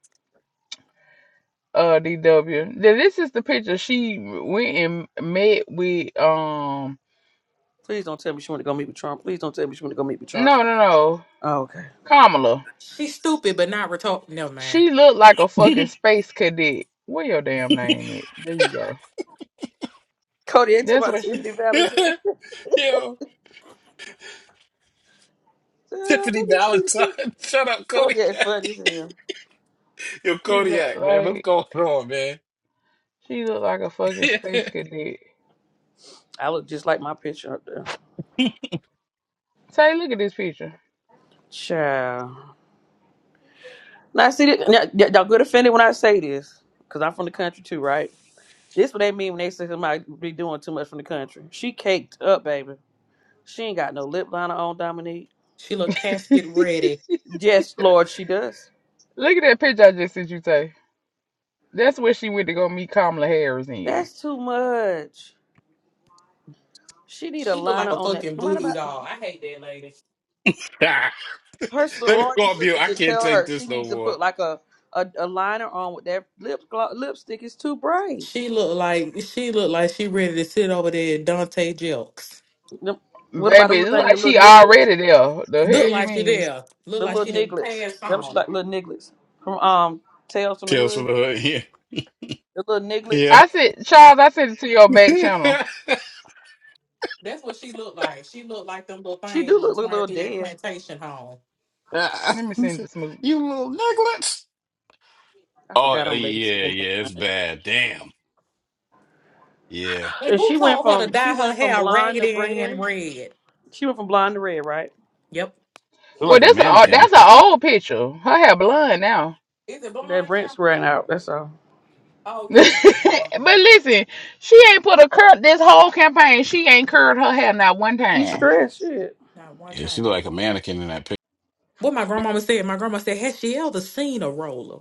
S10: uh, DW. Th- This is the picture she went and met with. Um,
S1: Please don't tell me she want to go meet with Trump. Please don't tell me she want to go meet with Trump.
S10: no, no, no,
S1: Oh, okay.
S10: Kamala.
S13: She's stupid, but not retarded. No man,
S10: She looked like a fucking space cadet. What your damn name is? There you go.
S1: Cody ain't talking
S10: That's
S1: about
S10: what she
S1: Tiffany Valentine.
S5: Yo,
S1: Child,
S5: Tiffany
S1: Let me see the
S5: Valentine.
S1: picture.
S5: Shut up,
S1: Cody ain't
S5: Kodiak.
S1: funny as hell.
S5: Yo,
S10: she looked
S5: Kodiak, man. What's
S10: like.
S5: going on, man?
S10: She look like a fucking space cadet.
S1: I look just like my picture up there.
S10: Tay, look at this picture.
S1: Child. Now, see, this, y- y- y'all good offended when I say this, because I'm from the country too, right? This what they mean when they say somebody be doing too much from the country. She caked up, baby. She ain't got no lip liner on, Dominique.
S13: she look casket ready.
S1: Yes, Lord, she does.
S10: Look at that picture I just sent you, Tay. That's where she went to go meet Kamala Harris in.
S1: That's too much. She need a
S13: She look
S1: liner
S13: like a
S1: on that.
S13: fucking
S1: No matter
S13: voodoo
S1: about
S13: doll. I hate that lady.
S5: Ah,
S1: her
S5: Let me go
S1: sorority
S5: on mute.
S1: sister
S5: I
S1: should
S5: can't
S1: tell
S5: take
S1: her she
S5: this no
S1: needs to put
S5: more.
S1: like a a, a liner on with that lip glo- lipstick is too bright.
S13: She look like she look like she ready to sit over there at Dante Jelks.
S1: Them- What about the
S10: Baby,
S1: little
S10: it look
S1: thing, the
S10: like she
S1: little nigglets,
S10: already there. The hell
S13: Look
S10: you
S13: like she
S10: mean?
S13: there. Look
S1: the
S13: like
S1: little
S13: she didn't
S1: nigglets?
S13: pass
S1: That was
S13: on.
S1: like little nigglets from um Tales from the
S5: Tales from
S1: Hood.
S5: the hood.
S1: The little nigglets.
S5: Yeah.
S10: I said, Charles, I sent it to your back
S5: Yeah.
S10: channel.
S13: That's what she looked like. She looked like them little
S1: She do
S13: things
S1: look,
S13: was
S1: like a
S13: running
S1: little
S13: through that
S1: dead.
S13: plantation home.
S5: Ah,
S10: Let me send it to
S5: you
S10: Smoots.
S5: little necklace.
S1: I
S5: Oh,
S1: forgot
S5: uh,
S1: I'm
S5: yeah,
S1: babysitting.
S5: yeah. It's bad. Damn. Yeah.
S13: And
S1: And
S13: who
S1: she went
S13: told her to
S1: from she
S13: dye her
S1: went from
S13: hair
S1: blonde to
S13: raggedy
S1: red.
S13: and red?
S1: She went from blonde to red, right?
S13: Yep.
S5: Look
S10: Well,
S5: like a
S10: that's a uh,
S5: mannequin.
S10: that's an old picture. Her hair blonde now.
S13: Is it
S1: That
S13: blonde now?
S1: rent's ran out. That's all.
S13: Oh yeah,
S10: but
S13: it's just blonde now.
S10: listen, she ain't put a curl this whole campaign. She ain't curled her hair not one
S1: She
S10: time.
S1: stressed shit.
S13: Not one
S5: Yeah, she look
S13: time.
S5: like a mannequin in that picture.
S13: What my grandmama said, my grandma said, Has she ever seen a roller?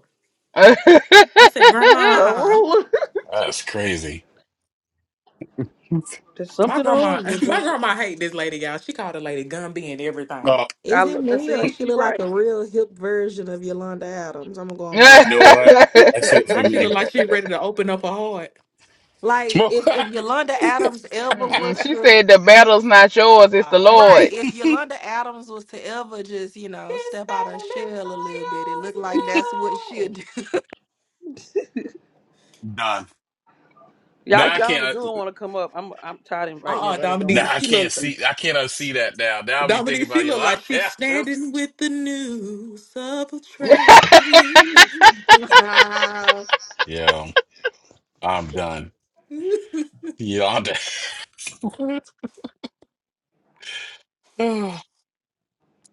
S13: I said,
S1: A
S13: Grandma,
S1: ruler.
S5: That's crazy.
S1: There's
S13: my
S1: something
S13: grandma,
S1: on my
S13: my
S1: mind.
S13: grandma hate this lady, y'all. She called the lady Gumby and everything.
S5: Oh,
S1: I
S7: is it
S1: look- I
S7: me or
S1: see.
S7: she
S1: She
S7: look like a
S1: right.
S7: real hip version of Yolanda Adams? I'm gonna go on mute.
S5: you know what?
S1: y'all,
S5: That's it for
S13: Now she look
S5: me.
S13: like she ready to open up her heart.
S7: Like
S5: Smoke.
S7: if if Yolanda Adams ever
S10: Mm-mm.
S7: was
S10: She
S7: to
S10: said the battle's not yours, it's
S13: All
S10: the
S13: right.
S7: right, if
S10: Lord's.
S7: Yolanda Adams was to ever just you know
S13: This
S7: step out her
S13: battle
S7: shell a little bit, it looked
S13: is not yours
S7: like that's what she'll
S13: now.
S7: do.
S5: Done. Now
S1: if
S5: I
S1: y'all in the
S5: can't.
S1: good want to come up, I'm I'm tired of inviting
S13: Uh uh
S1: everybody that don't want to.
S5: Now
S13: Dominique.
S5: I
S13: She
S5: can't
S13: look.
S5: see. I can't unsee that now. Now I'll be thinking
S13: Dominique, she
S5: about you.
S13: look
S5: Like,
S13: like
S5: yeah,
S13: she's
S5: oops.
S13: standing with the news of
S10: Finna
S13: attraction.
S5: yeah, I'm done. Yeah, I'm done.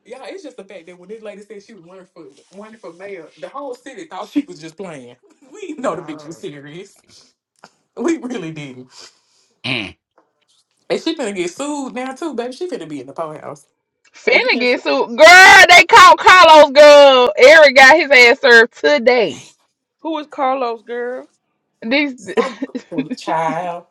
S13: Y'all, it's just the fact that when this lady said she was running for running for mayor, the whole city thought she was just playing. We know the
S7: Nah.
S13: bitch was serious. We really didn't.
S5: mm,
S13: And she finna get sued now too, baby. She finna be in the poorhouse.
S1: What you can say?
S10: get sued. Girl, they caught Carlos girl. Eric got his ass served today.
S1: Who is Carlos, girl?
S10: This
S13: Some child,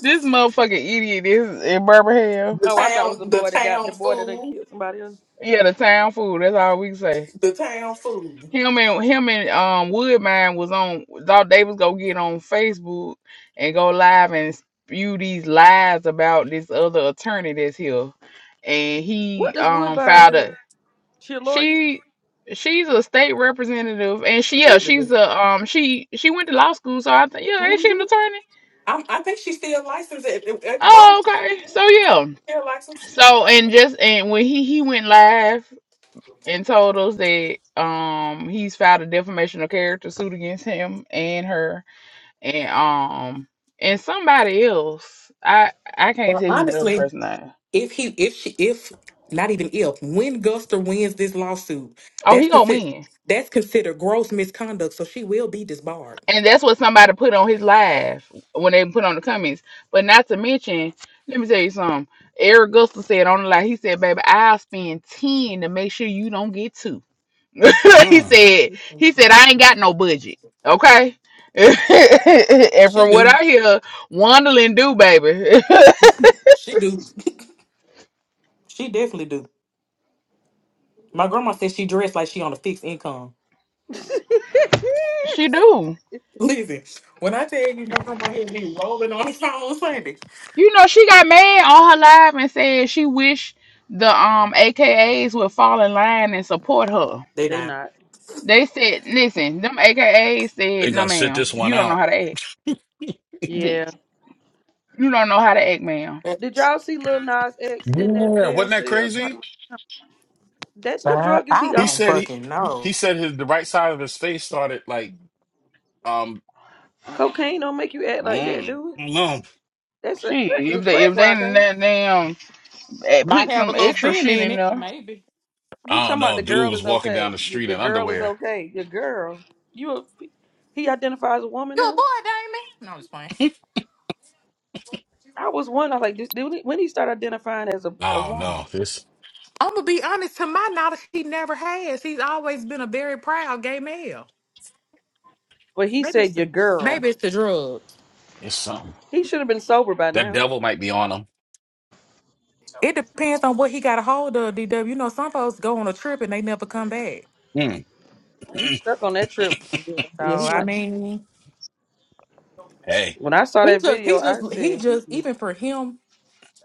S10: this motherfucking idiot is in Birmingham.
S13: the
S1: Oh, I thought it was the
S13: town, the
S1: boy that got the
S13: town
S1: boy that done
S13: fool,
S1: killed somebody else.
S10: Yeah, the town fool. That's all we can say.
S13: the town fool.
S10: Him and him and um Woodmine was on thought they was gonna get on Facebook and go live and spew these lies about this other attorney that's here. And
S1: What
S10: he
S1: does
S10: um
S1: Woodbine
S10: filed a
S1: do? She a lawyer?
S10: She she's a state representative, and she yeah
S13: Baby,
S10: she's a um she she went to law school, so I think yeah ain't she an attorney?
S13: I'm, I think she's still licensed at, at the bar.
S10: Oh okay, so yeah,
S13: Still licensed.
S10: so and just and when he he went live and told us that um he's filed a defamation of character suit against him and her and um and somebody else I I can't
S13: Well,
S10: tell you the other
S13: honestly,
S10: person name.
S13: if he, if she, if not even if, when Guster wins this lawsuit,
S10: Oh,
S13: that's
S10: he gonna
S13: considered
S10: win.
S13: that's considered gross misconduct. So she will be disbarred.
S10: And that's what somebody put on his live when they put on the comments. But not to mention, let me tell you something. Eric Gusta said on the live, he said, baby, I'll spend 10 to make sure you don't get two." he
S5: mm.
S10: said, he said, I ain't got no budget. Okay. and
S13: She
S10: from what
S13: do,
S10: I hear, Wandling do, baby.
S13: she do, she definitely do. My grandma said she dressed like she on a fixed income.
S10: she do.
S13: Listen, when I tell you my grandma had me rolling on the phone Sunday,
S10: You know, she got mad on her live and said she wish the um AKAs would fall in line and support her.
S13: they
S1: they
S13: not.
S1: not.
S10: They said, listen, them AKAs
S5: they
S10: said, no,
S5: gonna sit
S10: ma'am,
S5: this one
S10: you don't know
S5: out.
S10: how to act. The-
S1: Yeah.
S10: You don't know how to act, ma'am.
S1: Did y'all see Lil Nas X in that
S5: Yeah,
S1: jail
S5: wasn't that
S1: cell
S5: crazy?
S1: talking about that? What
S13: Child,
S1: drug is he
S13: I
S5: He
S1: on?
S13: don't
S5: said he
S13: fucking
S5: he
S13: know.
S5: said his the right side of his face started like um.
S1: Cocaine don't make you act like that,
S5: Mm,
S1: do it?
S5: I don't know.
S1: That's a
S10: Shit,
S1: crack, your
S10: if they
S1: crack
S10: if they
S1: rock,
S10: done
S1: ain't it?
S10: that damn eh,
S13: Might
S10: put
S13: have a
S10: some
S13: little
S10: extra
S13: sin
S10: shit
S13: in
S10: in
S13: it,
S10: there.
S13: maybe.
S1: He
S5: I don't
S1: talking about
S5: know.
S1: the
S5: Dude
S1: girl
S5: was
S1: is
S5: walking
S1: okay.
S5: down the
S1: Your,
S5: street
S1: your
S5: in
S1: girl is
S5: underwear.
S1: okay. Your girl. You. A, he identifies as a woman
S13: Good
S1: now.
S13: boy, Damon. No, I'm just playing.
S1: I was wondering, like, did, did he- when he started identifying as a, a
S5: I don't know.
S1: woman,
S5: It's
S13: I'm gonna be honest. To my knowledge, he never has. He's always been a very proud gay male.
S1: but he
S13: Maybe it's
S1: said your
S13: the,
S1: girl.
S13: maybe it's the drugs.
S5: it's something.
S1: He should have been sober by
S5: That
S1: now.
S5: devil might be on him.
S13: It depends on what he got a hold of. DW, you know, some folks go on a trip and they never come back.
S5: Mm.
S1: He stuck on that trip. Yeah,
S13: So
S1: yeah. He
S13: I
S1: might.
S13: mean,
S5: Hey,
S1: When I saw
S13: he
S1: that
S13: just
S1: video,
S13: he
S1: I
S13: just he
S1: said he
S13: just
S1: is
S13: even for him,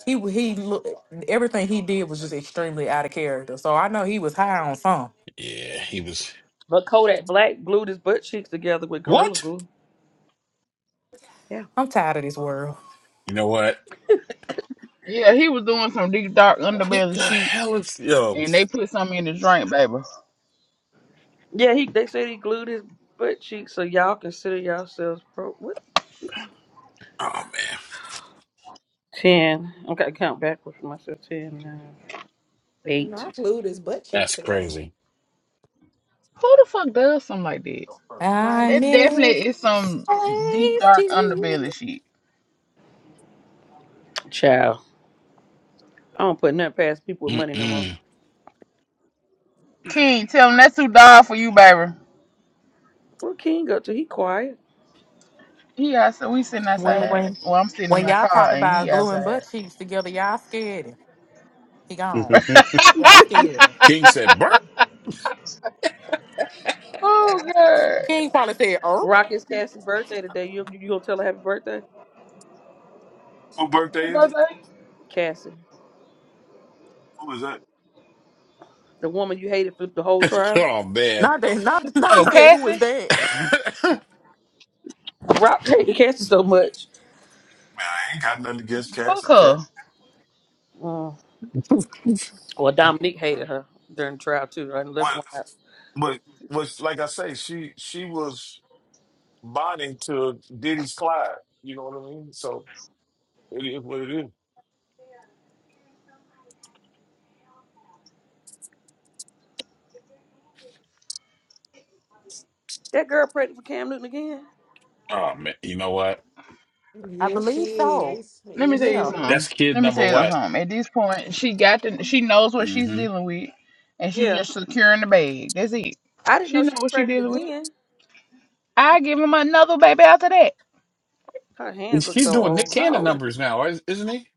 S13: he he look everything he did was just extremely out of character. So I know he was high on some.
S5: yeah, he was.
S1: But Kodak Black glued his butt cheeks together with Gorilla
S5: What?
S1: Glue. Yeah.
S13: I'm tired of this world.
S5: You know what?
S10: Yeah, he was doing some deep dark
S5: What
S10: underbelly
S5: the
S10: shit,
S5: hell is yo?
S10: and they put something in the drink, baby. Who
S1: Yeah, he they said he glued his butt cheeks, so y'all consider yourselves pro. What?
S5: Oh man,
S1: Ten. I gotta count backwards for myself. Ten, nine, eight.
S7: Not glued his butt cheeks
S5: that's
S7: together.
S5: crazy.
S10: the fuck does something like that?
S7: Like
S13: I
S10: That
S13: miss
S10: definitely is some deep dark
S13: you.
S10: underbelly shit.
S1: Child. I don't put nothing past people with money no more.
S5: Mm-mm.
S10: King, tell him that's too dark for you, baby.
S1: Where King up to? He quiet.
S10: He outside. We sitting
S13: When
S10: outside.
S13: when
S10: Well, I'm sitting in
S13: when
S10: my
S13: y'all
S10: car,
S13: talk
S10: and he
S13: about gluing
S10: outside.
S13: butt cheeks together, y'all scared him. He gone. Y'all scared him.
S5: King said, "Burn."
S10: oh God.
S13: King probably said, "Oh,
S1: Rocket's Cassie's birthday today. You you gonna tell her happy birthday?
S14: Who
S10: Who
S14: birthday is it?
S10: birthday?
S1: Cassie,
S14: Who is that?
S1: the woman you hated for the whole trial.
S5: Oh man.
S13: not that, not not." He
S10: Oh,
S13: said, "Who
S10: Cassie,
S13: was that?"
S1: Rock hated Cassie so much.
S14: Man, I ain't got nothing against
S10: fuck
S14: Cassie
S10: her.
S14: Cat.
S1: Mm. Well, Dominique hated her during the trial too. Right, And left
S14: But
S1: one out.
S14: but was like I say, she she was bonding to Diddy's Clyde. You know what I mean? So it is what it is.
S1: That girl pregnant for Cam Newton again.
S5: oh man. You know what?
S13: I
S7: Yes, she
S13: believe so.
S7: is.
S10: Let me
S7: Yes,
S10: tell
S7: she
S10: you
S13: Yeah.
S7: is.
S10: something.
S5: That's kid
S10: Let me
S5: number
S10: tell you
S5: what?
S10: something. At this point, she got the, she knows what
S5: mm
S10: she's dealing with, and she's
S1: Yeah.
S10: just securing the bag. That's it.
S1: I didn't
S10: She
S1: know she was
S10: know what she
S1: pregnant
S10: dealing with.
S1: again.
S10: I give him another baby after that.
S1: Her
S5: hmm
S1: hands look
S5: He's
S1: so
S5: doing Nick
S1: old. How
S5: Cannon
S1: old is
S5: numbers now, is- isn't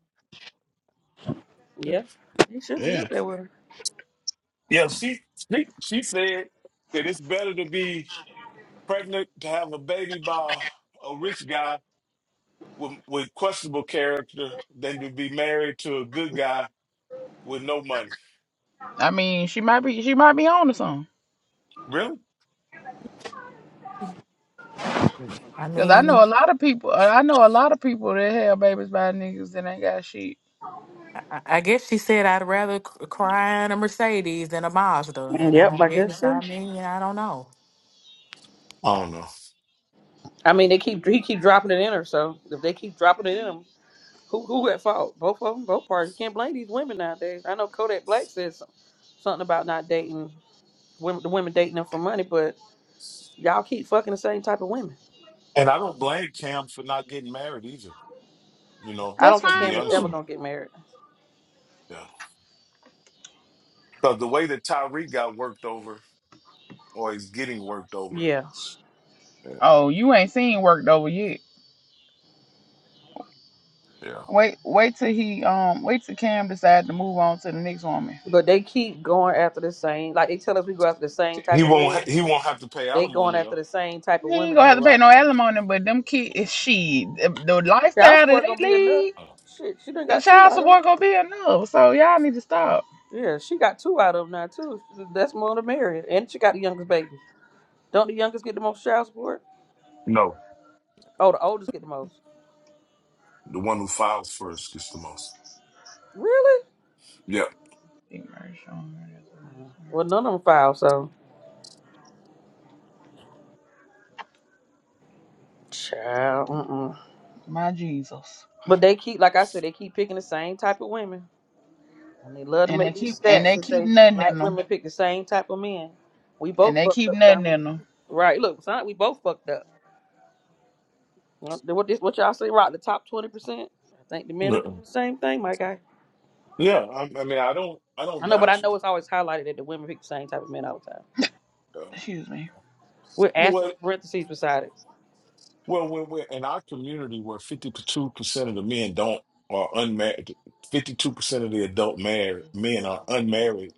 S1: she? Yeah. He should
S5: he?
S1: be up there with her.
S14: Yeah, she she she said that it's better to be pregnant to have a baby by a rich guy with with questionable character than to be married to a good guy with no money.
S10: I mean, she might be she might be on to something.
S14: Really?
S13: I
S10: Cause I know a
S13: mean,
S10: lot of people. uh, I know a lot of people that have babies by niggas that ain't got shit.
S13: I, I guess she said I'd rather c- cry in a Mercedes than a Mazda,
S1: Mm,
S13: and I
S1: Yep, I guess
S13: guess
S1: so.
S13: I mean I don't know.
S14: I don't know.
S1: I mean, they keep he keep dropping it in her. So if they keep dropping it in them, who who at fault? Both of them, both parties. You can't blame these women nowadays. I know Kodak Black said some- something about not dating women, the women dating them for money, but y'all keep fucking the same type of women.
S14: And I don't blame Cam for not getting married either, you know,
S1: I
S10: That's
S1: don't think
S14: to
S10: fine
S14: be
S1: Cam is
S14: honest
S1: ever
S14: with you.
S10: too.
S1: gonna get married.
S14: Yeah. Because the way that Tyreek got worked over, or he's getting worked over.
S1: Yeah,
S14: Yeah.
S10: Oh, you ain't seen worked over yet.
S14: Yeah.
S10: Wait, wait till he um, wait till Cam decide to move on to the next woman.
S1: but they keep going after the same. Like they tell us, we go after the same
S14: He
S1: type of
S14: won't.
S1: men.
S14: ha- He won't have to pay
S1: They going
S14: alimony
S1: after
S14: though.
S1: the same type of
S10: He ain't
S1: women,
S10: gonna
S1: though,
S10: have to
S1: Rock.
S10: pay no alimony, but them kids, she, the
S1: Child
S10: lifestyle that
S1: support
S10: they
S1: gonna be enough.
S10: lead,
S14: Oh.
S1: Shit, she done
S10: the
S1: got two
S10: child
S1: out of 'em.
S10: support gonna be enough. So y'all need to stop.
S1: Yeah, she got two out of 'em now too. That's more than Mary, and she got the youngest baby. Don't the youngest get the most child support?
S14: No.
S1: Oh, the oldest get the most.
S14: The one who files first gets the most.
S1: Really?
S14: Yeah.
S1: Uh, Well, none of them filed, so child. Mm-mm.
S10: My Jesus,
S1: But they keep, like I said, they keep picking the same type of women, and they love to
S10: and they
S1: make these
S10: keep and
S1: stats
S10: they
S1: and
S10: keep
S1: say
S10: nothing in
S1: black
S10: them,
S1: women pick the same type of men. We
S10: and
S1: both
S10: they
S1: fucked
S10: keep
S1: up,
S10: nothing
S1: family.
S10: in them.
S1: Right? Look, son, we both fucked up. What this? What y'all say? Right? The top twenty percent. I think the men are doing
S14: Mm-mm.
S1: the same thing, my guy.
S14: Yeah. I, I mean, I don't. I
S1: I
S14: don't
S1: know, but I
S14: doubt you.
S1: know it's always highlighted that the women pick the same type of men all the time.
S14: Yeah.
S10: Excuse me.
S1: With
S14: But
S1: asterisks
S14: what?
S1: and parentheses beside it.
S14: well, when we're in our community, where fifty-two percent of the men don't are unmarried, fifty-two percent of the adult married men are unmarried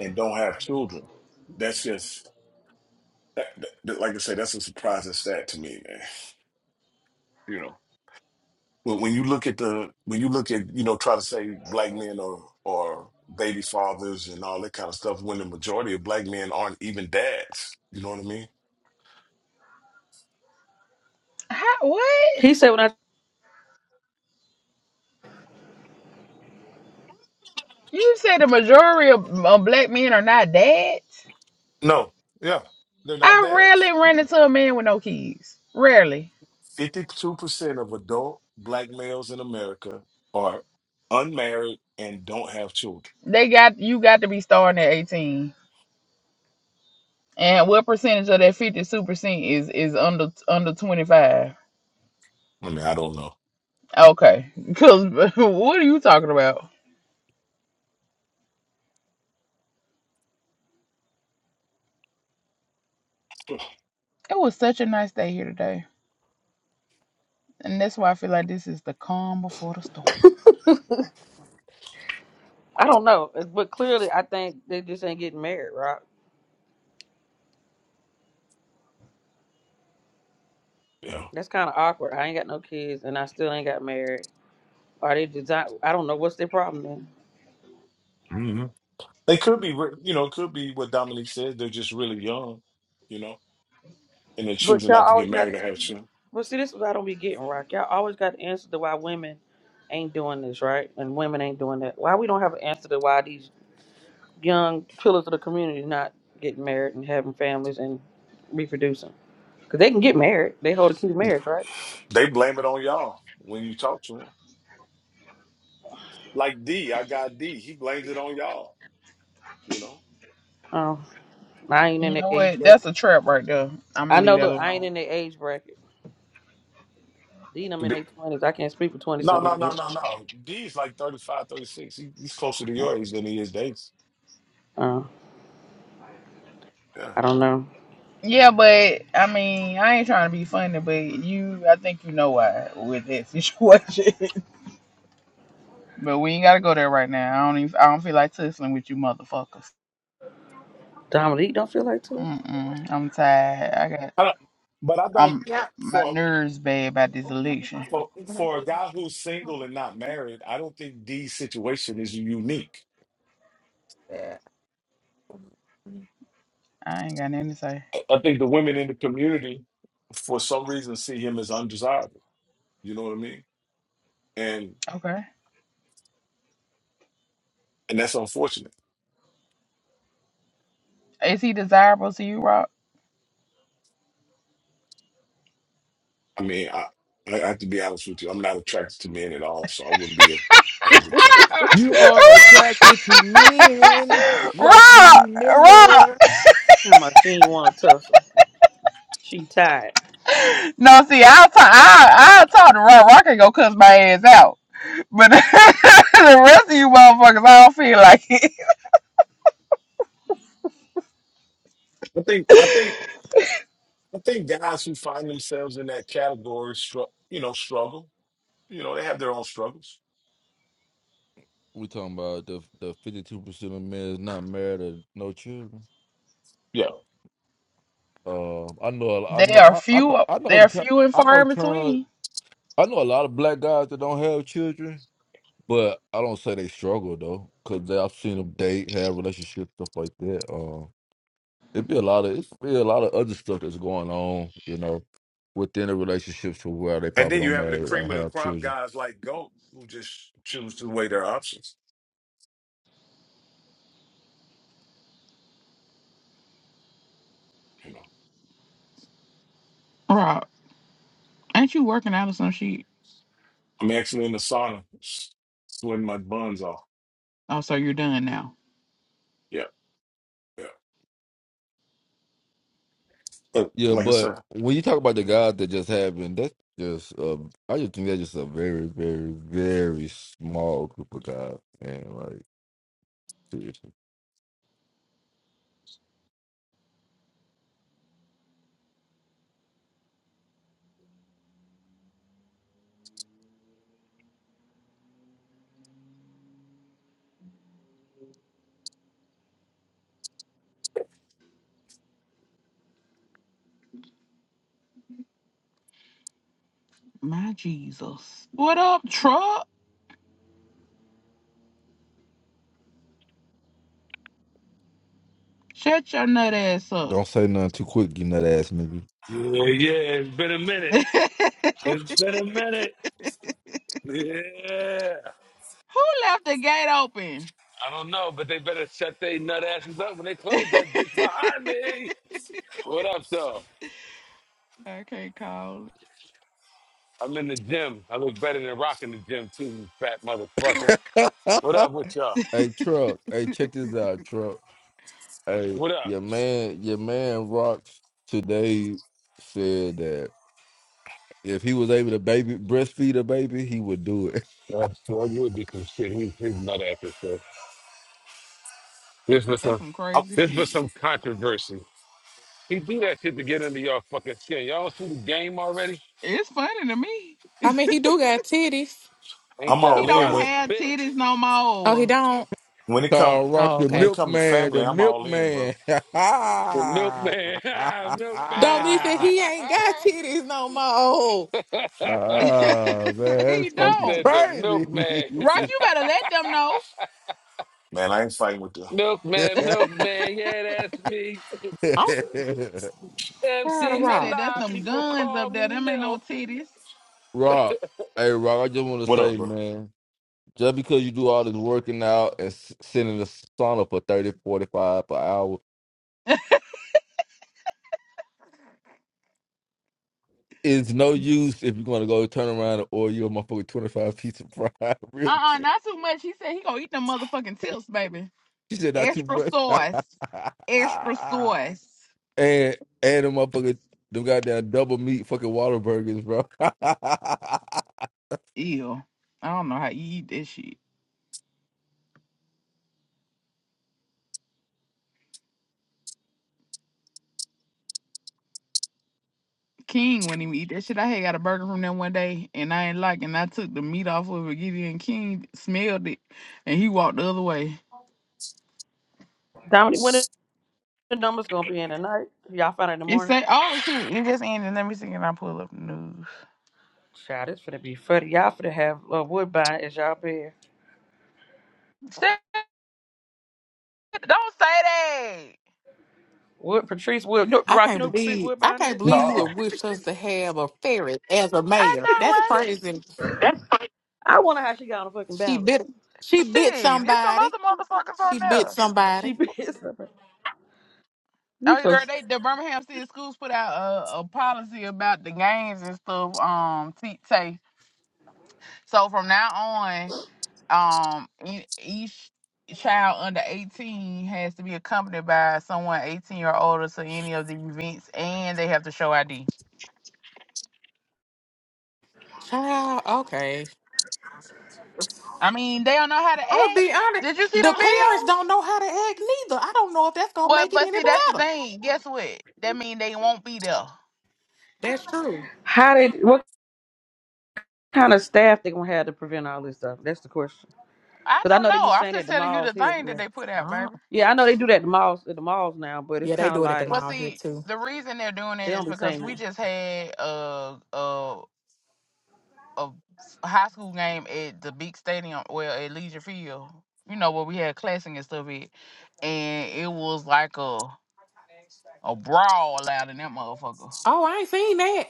S14: and don't have children. That's just that, that, that- like I said, that's a surprising stat to me, man. You know, when when you look at the when you look at you know try to say black men or or baby fathers and all that kind of stuff, when the majority of black men aren't even dads. You know what I mean?
S10: How, what?
S1: He said when I
S10: You say the majority of of black men are not dads?
S14: No, yeah, they're not
S10: I rarely
S14: dads.
S10: run into a man with no kids. Rarely.
S14: Fifty-two percent of adult black males in America are unmarried and don't have children.
S10: They got you got to be starting at eighteen. And what percentage of that fifty two percent is is under under twenty five?
S14: I mean, I don't know.
S10: Okay, because what are you talking about? It was such a nice day here today, and that's why I feel like this is the calm before the storm.
S1: I don't know, uh, but clearly I think they just ain't getting married, right?
S14: Yeah,
S1: That's kinda awkward. I ain't got no kids and I still ain't got married. Are they design I don't know what's their problem then.
S14: hmm they could be, re- you know, it could be what Dominique said. They're just really young. You know. and then
S1: But
S14: choosing
S1: y'all
S14: not to
S1: always
S14: get
S1: got
S14: married
S1: the
S14: or have
S1: answer.
S14: children.
S1: Well see this is what I don't be getting, Rock. Y'all always got the answer to why women ain't doing this, right? And women ain't doing that. Why we don't have an answer to why these young pillars of the community not getting married and having families and reproducing. Cause they can get married. They hold a key to marriage, right?
S14: They blame it on y'all when you talk to them. Like D, I got D. He blames it on y'all, you know?
S1: Oh, I ain't in
S10: You
S1: that
S10: know
S1: age
S10: what?
S1: bracket.
S10: That's a trap right there. I'm gonna
S1: I know.
S10: leave that
S1: Look, I ain't
S10: alone.
S1: in that age bracket. Dean, I'm in
S14: D-
S1: their twenties. I can't speak for twenty
S14: no,
S1: something
S14: no, no,
S1: years.
S14: no, no. D is like 35, 36. He, he's closer to
S1: Uh,
S14: your age than he is Dave's.
S1: uh,
S14: Yeah.
S1: I don't know.
S10: Yeah, but I mean, I ain't trying to be funny, but you, I think you know why with that situation. but we ain't gotta go there right now. I don't even. I don't feel like tussling with you, motherfuckers.
S1: Dominique don't feel like this.
S10: Mm mm. I'm tired. I got
S14: I don't, but I
S10: I'm
S14: don't,
S7: Yep.
S10: my
S14: for,
S10: nerves bad about this election.
S14: for, for a guy who's single and not married, I don't think D's situation is unique.
S7: Yeah.
S10: I ain't got nothing to say.
S14: I I think the women in the community, for some reason, see him as undesirable. You know what I mean? And,
S10: Okay.
S14: and that's unfortunate
S10: Is he desirable to you, Rock?
S14: I mean, I, I have to be honest with you. I'm not attracted to men at all, so I wouldn't be able to.
S3: You are attracted to men, Rocky
S10: Rock, Rock.
S3: Miller.
S1: How much she ain't want to tussle? She tired.
S10: No, see, I'll talk. i I'll talk to Rock. Rock can go cuss my ass out. But the rest of you motherfuckers, I don't feel like it.
S14: I think, I think, I think guys who find themselves in that category, str- you know, struggle. You know, they have their own struggles.
S3: We talking about the the fifty two percent of men is not married or no children.
S14: Yeah,
S3: Um, I know, a- I
S10: They
S3: know,
S10: are
S3: I, I know,
S10: few.
S3: I know
S10: They
S3: the,
S10: are
S3: ti-
S10: few and
S3: I
S10: far
S3: know,
S10: in
S3: tons-
S10: between.
S3: I know a lot of black guys that don't have children, but I don't say they struggle though, because I've seen them date, have relationships, stuff like that. Um, it'd be a lot of, it's be a lot of other stuff that's going on, you know, within the relationships to where they
S14: and
S3: probably
S14: then you
S3: don't
S14: have the
S3: marry or
S14: cream of the
S3: have
S14: crop
S3: children.
S14: guys like Goat who just choose to weigh their options. You know,
S10: Rock, ain't you working out or some shit?
S14: I'm actually in the sauna, s- sweating my buns off.
S10: Oh, so you're done now.
S14: Yeah, yeah. But
S3: Yeah,
S14: like I
S3: but
S14: said,
S3: when you talk about the guys that just having, that's just, uh, I just think that's just a very, very, very small group of guys, man. Like, seriously.
S10: My Jesus. What up, truck? Shut your nut ass up.
S3: Don't say nothing too quick, you that ass nigga.
S15: Yeah, yeah, it's been a minute.
S10: Who
S15: It's been a minute. Yeah.
S10: left the gate open?
S15: I don't know, but they better shut their nut asses up when they close that bitch behind me. What up, though?
S10: I can't call. it.
S15: I'm in the gym. I look better than rocking the gym, too, you fat motherfucker. What up with y'all?
S3: hey truck, hey check this out, truck. Hey,
S15: What up?
S3: your man, your man Rocks today said that if he was able to baby breastfeed a baby, he would do it.
S15: That's true. I would do some shit. He, he's nut asses, so. This was
S10: That's
S15: some,
S10: some
S14: I'm,
S10: crazy
S15: this
S10: shit.
S15: was some controversy. He do that shit to get under y'all fucking skin. Y'all see the game already?
S10: It's funny to me.
S13: I mean, he do got titties.
S15: Ain't
S14: I'm
S15: that
S10: He
S14: all in
S15: about
S10: don't
S14: when
S15: a
S10: have
S15: bitch?
S10: titties no
S13: Oh, he
S10: more.
S13: don't.
S14: when it come
S3: Call Rock
S13: Oh,
S3: the
S14: when
S13: okay.
S14: it come to
S3: milkman, the
S14: family. I'm all in,
S3: milkman.
S14: bro.
S15: The milkman.
S13: Don't
S15: milkman.
S13: be said he ain't got titties no more.
S3: Ah, man,
S10: he
S3: that's
S15: he
S3: fucking
S10: don't.
S15: said the
S3: crazy.
S15: milkman.
S10: Rock, you better let them know.
S14: Man, I ain't fighting with the.
S15: milkman, milkman. Yeah, that's me.
S13: I'm tired of
S15: MC
S10: He
S13: rock.
S10: said that's
S15: Alive.
S10: them
S15: People
S10: guns
S15: call
S10: up there.
S15: me
S10: Them ain't no
S15: Milk.
S10: titties.
S3: Rock, hey Rock, I just want to
S14: What up,
S3: say,
S14: bro?
S3: man. Just because you do all this working out and s- sitting in the sauna for thirty, forty-five per hour is no use if you're going to go turn around or you're a motherfucker 25 piece of fried real
S10: Uh-uh,
S3: shit.
S10: not too much. He said he gonna eat them motherfucking tips, baby.
S3: She said not too
S10: Extra
S3: much.
S10: sauce. Extra sauce.
S3: and and a motherfucker, them goddamn double meat fucking water burgers, bro.
S10: Ew. I don't know how you eat this shit. King when he eat that shit. I had got a burger from them one day and I ain't like it, and I took the meat off of it. Gideon and King smelled it and he walked the other way.
S1: Dominique, when the numbers gonna be in tonight? Y'all find out in the
S10: It
S1: morning.
S10: say, oh shit, it just ended. Let me see and I pull up the news.
S1: Child, it's finna be funny. Y'all finna have uh, Woodbine as y'all bed.
S10: Shit, don't say that.
S1: Wood Patrice Wood. No,
S13: I
S1: Rock, you
S13: can't
S1: know who Patrice
S13: believe I
S1: Woodbine
S13: can't
S1: is?
S13: believe you would
S14: No,
S13: wish us to have a ferret as a
S10: I know,
S13: mayor. That's
S10: right?
S13: crazy.
S1: I wonder how she got on the fucking
S13: She
S1: ballot.
S13: bit she bit
S10: Shit, there's some
S13: somebody.
S10: other motherfuckers on
S13: She bit
S10: there.
S1: She
S13: somebody.
S1: be. You
S10: Oh, you
S1: so
S10: girl, they the Birmingham City Schools put out a, a policy about the games and stuff. Um, t- say so from now on. um e- each child under 18 has to be accompanied by someone 18 or older to any of the events and they have to show id
S13: Child, okay.
S10: i mean they don't know how to
S13: I'm gonna
S10: act
S13: be honest.
S10: did you see
S13: The
S10: them
S13: parents don't
S10: videos
S13: know how to act neither. I don't know if that's gonna
S10: but
S13: make it
S10: but
S13: any
S10: see that's the
S13: better.
S10: thing guess what that mean they won't be there
S13: That's true.
S1: How did what kind of staff they gonna have to prevent all this stuff? That's the question.
S10: i
S1: Because I
S10: don't
S1: know they
S10: know
S1: be
S10: i'm
S1: saying at
S10: just
S1: the
S10: telling you
S1: malls
S10: the
S1: here.
S10: thing that
S1: Yeah.
S10: they put out
S13: Uh,
S10: baby
S1: Yeah, I know they do that at the malls at the malls now, but it's
S13: yeah, they
S1: kind of
S13: do it at the
S1: like
S10: well
S13: mall here
S10: see
S13: too.
S10: the reason they're doing
S1: they
S10: it is
S1: don't be saying
S10: because we
S1: that.
S10: just had a a, a high school game at the big stadium, well, at Legion Field. You know where we had classing and stuff at, and it was like a a brawl out in that motherfucker.
S13: Oh, I ain't seen that.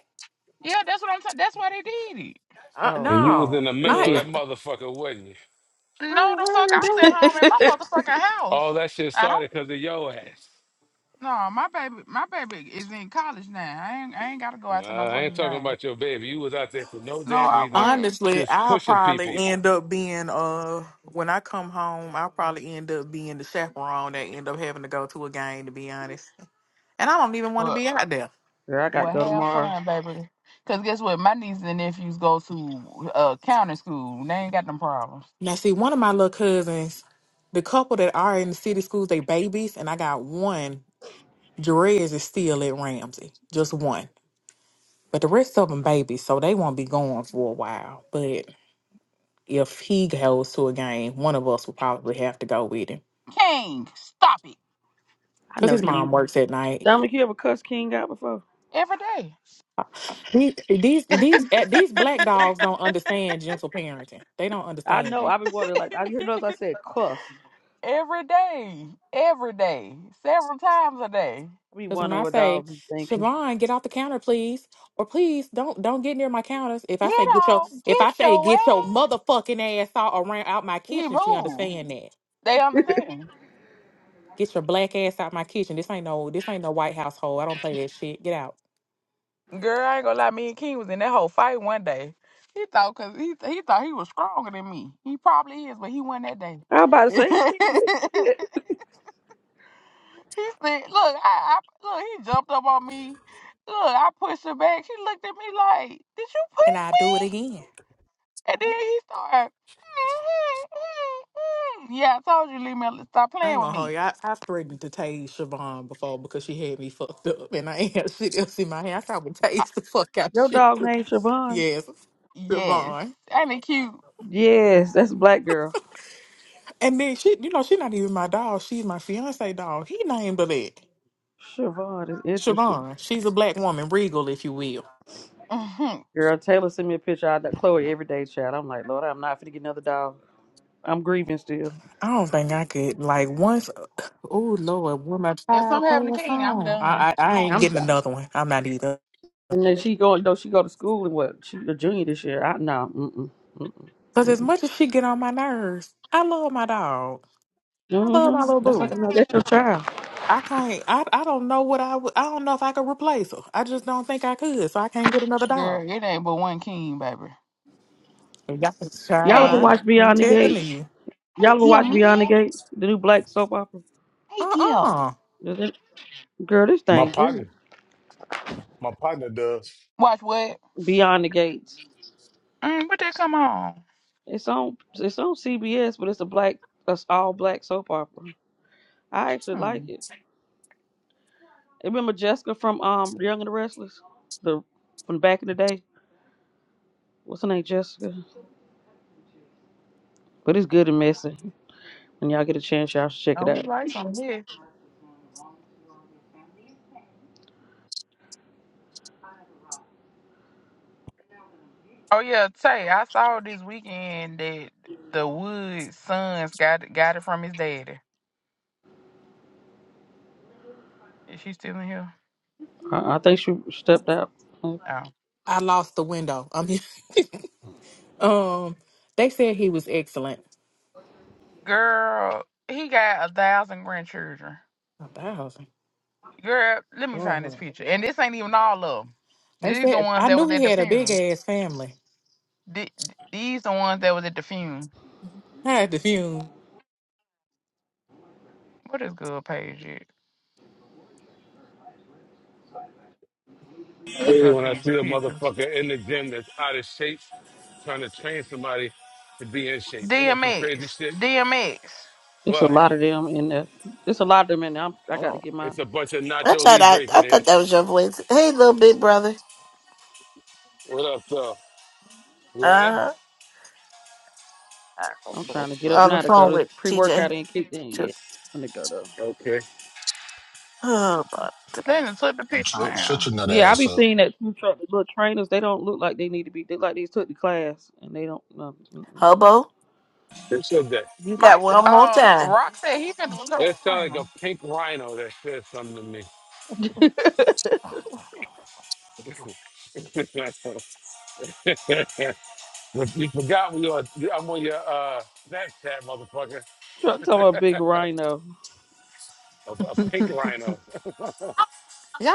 S10: Yeah, that's what I'm saying. That's why they did it.
S13: Uh,
S1: Oh
S15: And you
S1: Lord,
S15: was
S13: no,
S15: in the
S1: you
S15: middle
S13: I,
S15: of
S13: I
S1: kids.
S15: that motherfucker, wasn't you?
S13: I
S10: No,
S13: ain't
S10: the fuck,
S13: heard of
S10: I was at
S13: that.
S10: home in my motherfucking house.
S15: All that shit
S10: I don't.
S15: started because of your ass.
S10: No, my baby, my baby is in college now. I ain't, I ain't gotta go out to no
S15: Nah, I ain't
S10: fucking
S15: talking
S10: game.
S15: about your baby. You was out there for no
S10: No,
S15: damn
S10: I
S15: reason,
S10: would,
S13: Honestly,
S15: just
S13: I'll
S15: pushing
S13: probably
S15: people.
S13: end up being uh when I come home, I'll probably end up being the chaperone that end up having to go to a game to be honest. And I don't even want to
S10: but
S13: be out there.
S1: Girl, I got to
S10: well,
S1: go
S10: have
S1: tomorrow.
S10: fun, baby. Cause guess what, my nieces and nephews go to uh county school. They ain't got them problems.
S13: Now see, one of my little cousins, the couple that are in the city schools, they babies, and I got one, Jerez is still at Ramsey. Just one. But the rest of them babies, so they won't be going for a while. But if he goes to a game, one of us will probably have to go with him.
S10: King, stop it.
S1: I
S13: Cause
S1: know
S13: his
S1: King.
S13: mom works at night
S1: Dominic, you ever cuss King out before?
S10: Every day.
S13: These these these eh, these black dogs don't understand gentle parenting. They don't
S1: I
S13: understand
S1: know.
S13: that.
S1: I be wondering. Like I you notice I said cuss.
S10: Every day. Every day. Several times a day.
S1: I be
S13: Because when
S1: wondering
S13: I
S1: what
S13: say,
S1: dogs be thinking.
S13: Siobhan, get off the counter, please, or please don't don't get near my counters. If
S10: Get
S13: I say get your
S10: off.
S13: if
S10: Get
S13: I say
S10: your
S13: get your
S10: ass.
S13: motherfucking ass out around out my
S10: He
S13: kitchen, she
S10: moved.
S13: understand that.
S10: They understand.
S13: Get your black ass out my kitchen. This ain't no this ain't no white household. I don't play that shit. Get out.
S10: Girl, I ain't gonna lie, me and King was in that whole fight one day. He thought cause he he thought he was stronger than me. He probably is, but he won that day.
S1: I about to
S10: he said,
S1: say King big as shit.
S10: look, I, I look, he jumped up on me. Look, I pushed her back. She looked at me like, Did you
S13: And
S10: push
S13: I do it
S10: me?
S13: again.
S10: And then he started. mm-hmm, mm-hmm. Yeah, I told you, leave me. alone. Stop
S13: I
S10: playing
S13: ain't
S10: with
S13: gonna hold
S10: me.
S13: you. I, I threatened to tase Siobhan before because she had me fucked up and I ain't had shit else in my hand. I said I would
S10: Uh,
S13: tase the fuck out
S1: Your
S13: shit.
S1: dog named Siobhan.
S13: Yes. Good
S10: yes,
S13: bond.
S10: ain't it cute?
S1: Yes, that's a black girl.
S13: And then she, you know, she's not even my dog. She's my fiance dog. He named her that.
S1: Siobhan is interesting.
S13: Siobhan. She's a black woman, regal, if you will.
S10: Mhm.
S1: Girl, Taylor sent me a picture of that Chloe every day, child. I'm like, Lord, I'm not finna get another dog. I'm grieving still.
S13: I don't think I could like once. Oh Lord, when my
S10: If
S13: child
S10: something happened to
S13: passed
S10: King, I'm
S13: on,
S10: done.
S13: I, I I
S10: Oh,
S13: ain't
S1: I'm
S13: getting
S1: shocked.
S13: another one. I'm not either.
S1: And then she going, though she go to school and what? She a junior this year. I no, mm-mm, mm-mm,
S13: Cause as
S1: mm-mm.
S13: much as she get on my nerves, I love my dog. I love my
S1: Mm-hmm.
S13: little
S1: That's like
S13: boo.
S1: another. That's your child.
S13: I can't. I I don't know what I would. I don't know if I could replace her. I just don't think I could. So I can't get another dog.
S10: Girl, it ain't but one King, baby.
S13: Y'all can
S1: Y'all ever
S13: try.
S10: King.
S1: watch
S13: I'm
S1: Beyond the Gate?
S13: telling you.
S1: Y'all
S10: Hey,
S1: ever
S10: deal,
S1: watch Beyond the
S10: man.
S1: Gate? The new black soap opera.
S10: Hey, deal.
S13: Uh-uh.
S1: Is it- Girl, this
S14: my
S1: thing
S14: partner,
S1: good.
S14: my partner does.
S10: Watch what?
S1: Beyond the Gates.
S10: Mm, what they come on?
S1: It's on. It's on CBS, but it's a black. It's all black soap opera. I actually like
S10: Hmm.
S1: it. Remember Jessica from um Young and the Restless, the from back in the day. What's her name, Jessica? But it's good and messy. When y'all get a chance, y'all should check it
S10: Oh, we
S1: out.
S10: like some here. Oh yeah, Tay. I saw this weekend that the Woods sons got got it from his daddy. Is she still in here?
S1: I, I think she stepped out.
S10: Oh.
S13: I lost the window. I mean, um, they said he was excellent.
S10: Girl, he got a thousand grandchildren.
S13: A thousand.
S10: Girl, let me find this
S13: Oh.
S10: picture. And this ain't even all of them.
S13: They
S10: These the
S13: said
S10: ones
S13: I
S10: that was
S13: knew
S10: at
S13: he
S10: the
S13: had a big
S10: funeral.
S13: ass family.
S10: The- These the ones that was at the funeral.
S13: I had to fume.
S10: What is good page at?
S15: I
S10: Let me
S15: hate it
S10: go to
S15: when I
S10: these
S15: see a
S10: pictures.
S15: motherfucker in the gym that's out of shape, trying to train somebody to be in shape. And that's some crazy
S10: DMX.
S15: shit.
S10: DMX.
S1: It's a
S15: What?
S1: lot of them in there. It's a lot of them in there. I'm, I got to
S16: Oh,
S1: get my.
S15: It's a bunch of
S16: I
S15: Nacho
S16: thought I,
S15: Libres
S16: I
S15: in here.
S16: thought that was your voice. Hey, little big brother.
S15: What up, though? What?
S16: Uh,
S1: I'm trying to get up
S16: on the
S1: now to go.
S16: phone
S1: This
S16: with TJ.
S1: pre-workout ain't kicked in yet. I'm gonna go though.
S15: Okay.
S16: Oh, my God.
S10: Then took the picture
S2: Shut shut
S10: now.
S2: your nut
S1: Yeah, I
S2: ass
S1: be
S2: up.
S1: seeing that food truck. The little trainers, they don't look like they need to be. They look like they took the class and they don't. No, mm-mm.
S16: Hobo,
S15: Who said that?
S16: you
S10: Mike,
S16: got
S10: s-
S16: one more
S10: uh,
S16: time,
S10: Rock said he finna go to
S15: It
S10: the
S15: sounded like a
S10: funeral.
S15: pink rhino that said something to me. you forgot we are, I'm on your uh, Snapchat, motherfucker.
S1: truck talking about big rhino.
S15: A, a
S13: y'all
S15: pink rhino.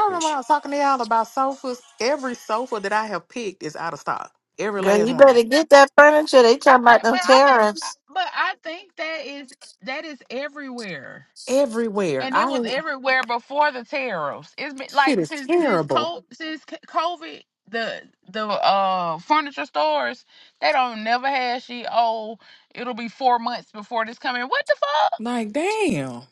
S13: when I was talking to y'all about sofas? Every sofa that I have picked is out of stock. Every
S16: girl.
S13: last
S16: You
S13: one of
S16: better get that furniture. They
S10: I
S16: talking about
S10: think,
S16: them
S10: but I think,
S13: them.
S16: tariffs.
S10: but I think that is that is everywhere.
S13: Everywhere.
S10: and it
S13: I
S10: was
S13: this
S10: everywhere before the tariffs. It's been
S13: shit
S10: like
S13: is
S10: since since
S13: terrible.
S10: co- since c- COVID, the the uh furniture stores they don't never have she. Oh, it'll be four months before this coming. What the fuck?
S13: Like, damn.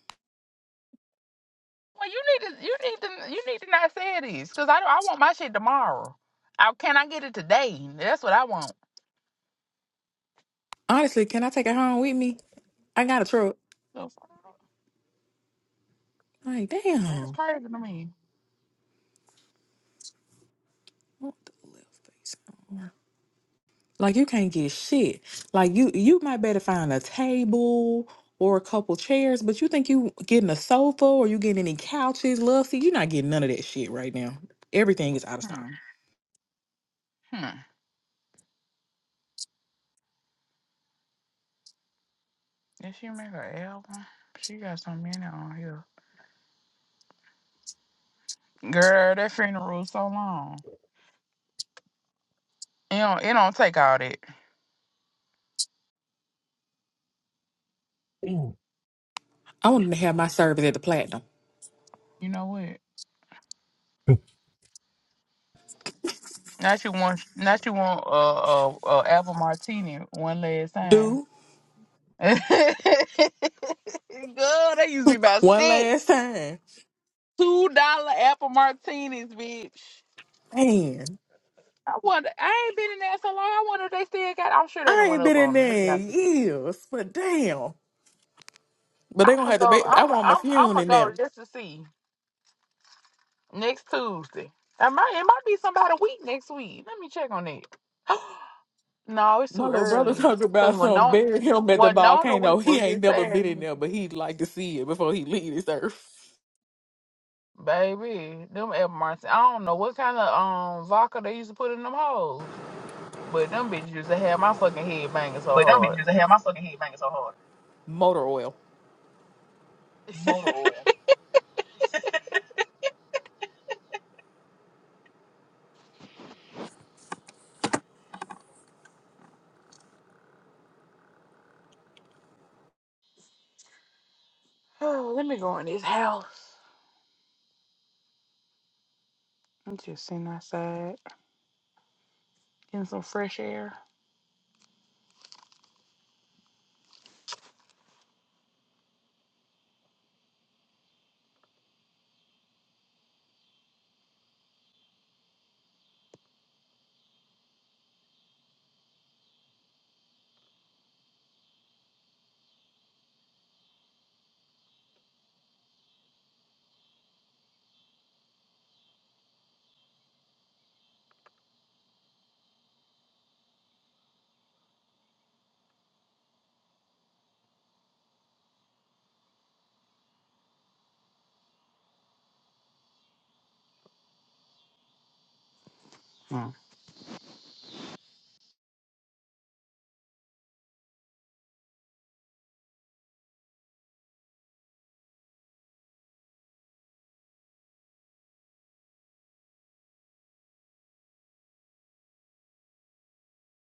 S10: Well, you need to you need to you need to not say this because I I want my shit tomorrow. I can I get it today? That's what I want.
S13: Honestly, can I take it home with me? I got a truck.
S10: So,
S13: Like,
S10: That is
S13: damn.
S10: crazy to me.
S13: What the left face? Like you can't get shit. Like you you might better find a table or a couple chairs, but you think you getting a sofa or you getting any couches, love seat, you're not getting none of that shit right now. Everything is out of stock.
S10: Hmm. Hmm. Did she make an album? She got so many on here. Girl, that funeral was so long. It don't, it don't take all that.
S14: Mm.
S13: I wanted to have my service at the platinum.
S10: You know what? Not you want Not you want a uh, uh, uh, apple martini one last time.
S13: Do
S10: Girl, they used to be about
S13: one
S10: six.
S13: last time.
S10: Two dollar apple martinis, bitch.
S13: Man.
S10: I wonder. I ain't been in there so long. I wonder if they still got. I'm sure they didn't
S13: I
S10: went
S13: ain't
S10: up
S13: been in
S10: on them.
S13: there in years, but damn. But
S10: I'm
S13: they gonna
S10: gonna
S13: have to
S10: go.
S13: be. I
S10: I'm.
S13: want my
S10: I'm. I'm
S13: funeral
S10: gonna
S13: in there.
S10: go just to see next Tuesday. I might. It might be somebody week next week. Let me check on it. No, it's
S13: My
S10: too
S13: little brother
S10: early.
S13: talking
S10: Cause
S13: about
S10: when
S13: some
S10: no
S13: bury him at the
S10: when no the week
S13: volcano. He
S10: was this
S13: ain't never
S10: past
S13: been in
S10: week.
S13: there, but he'd like to see it before he leave this earth.
S10: baby, them Ed Martin. I don't know what kind of um vodka they used to put in them hoes. But them bitches used to have my fucking head banging so
S14: But them
S10: hard.
S14: bitches in here, my fucking head banging so hard.
S13: Motor oil.
S14: Motor oil.
S10: oh, let me go in this house. I'm just sitting outside, getting some fresh air.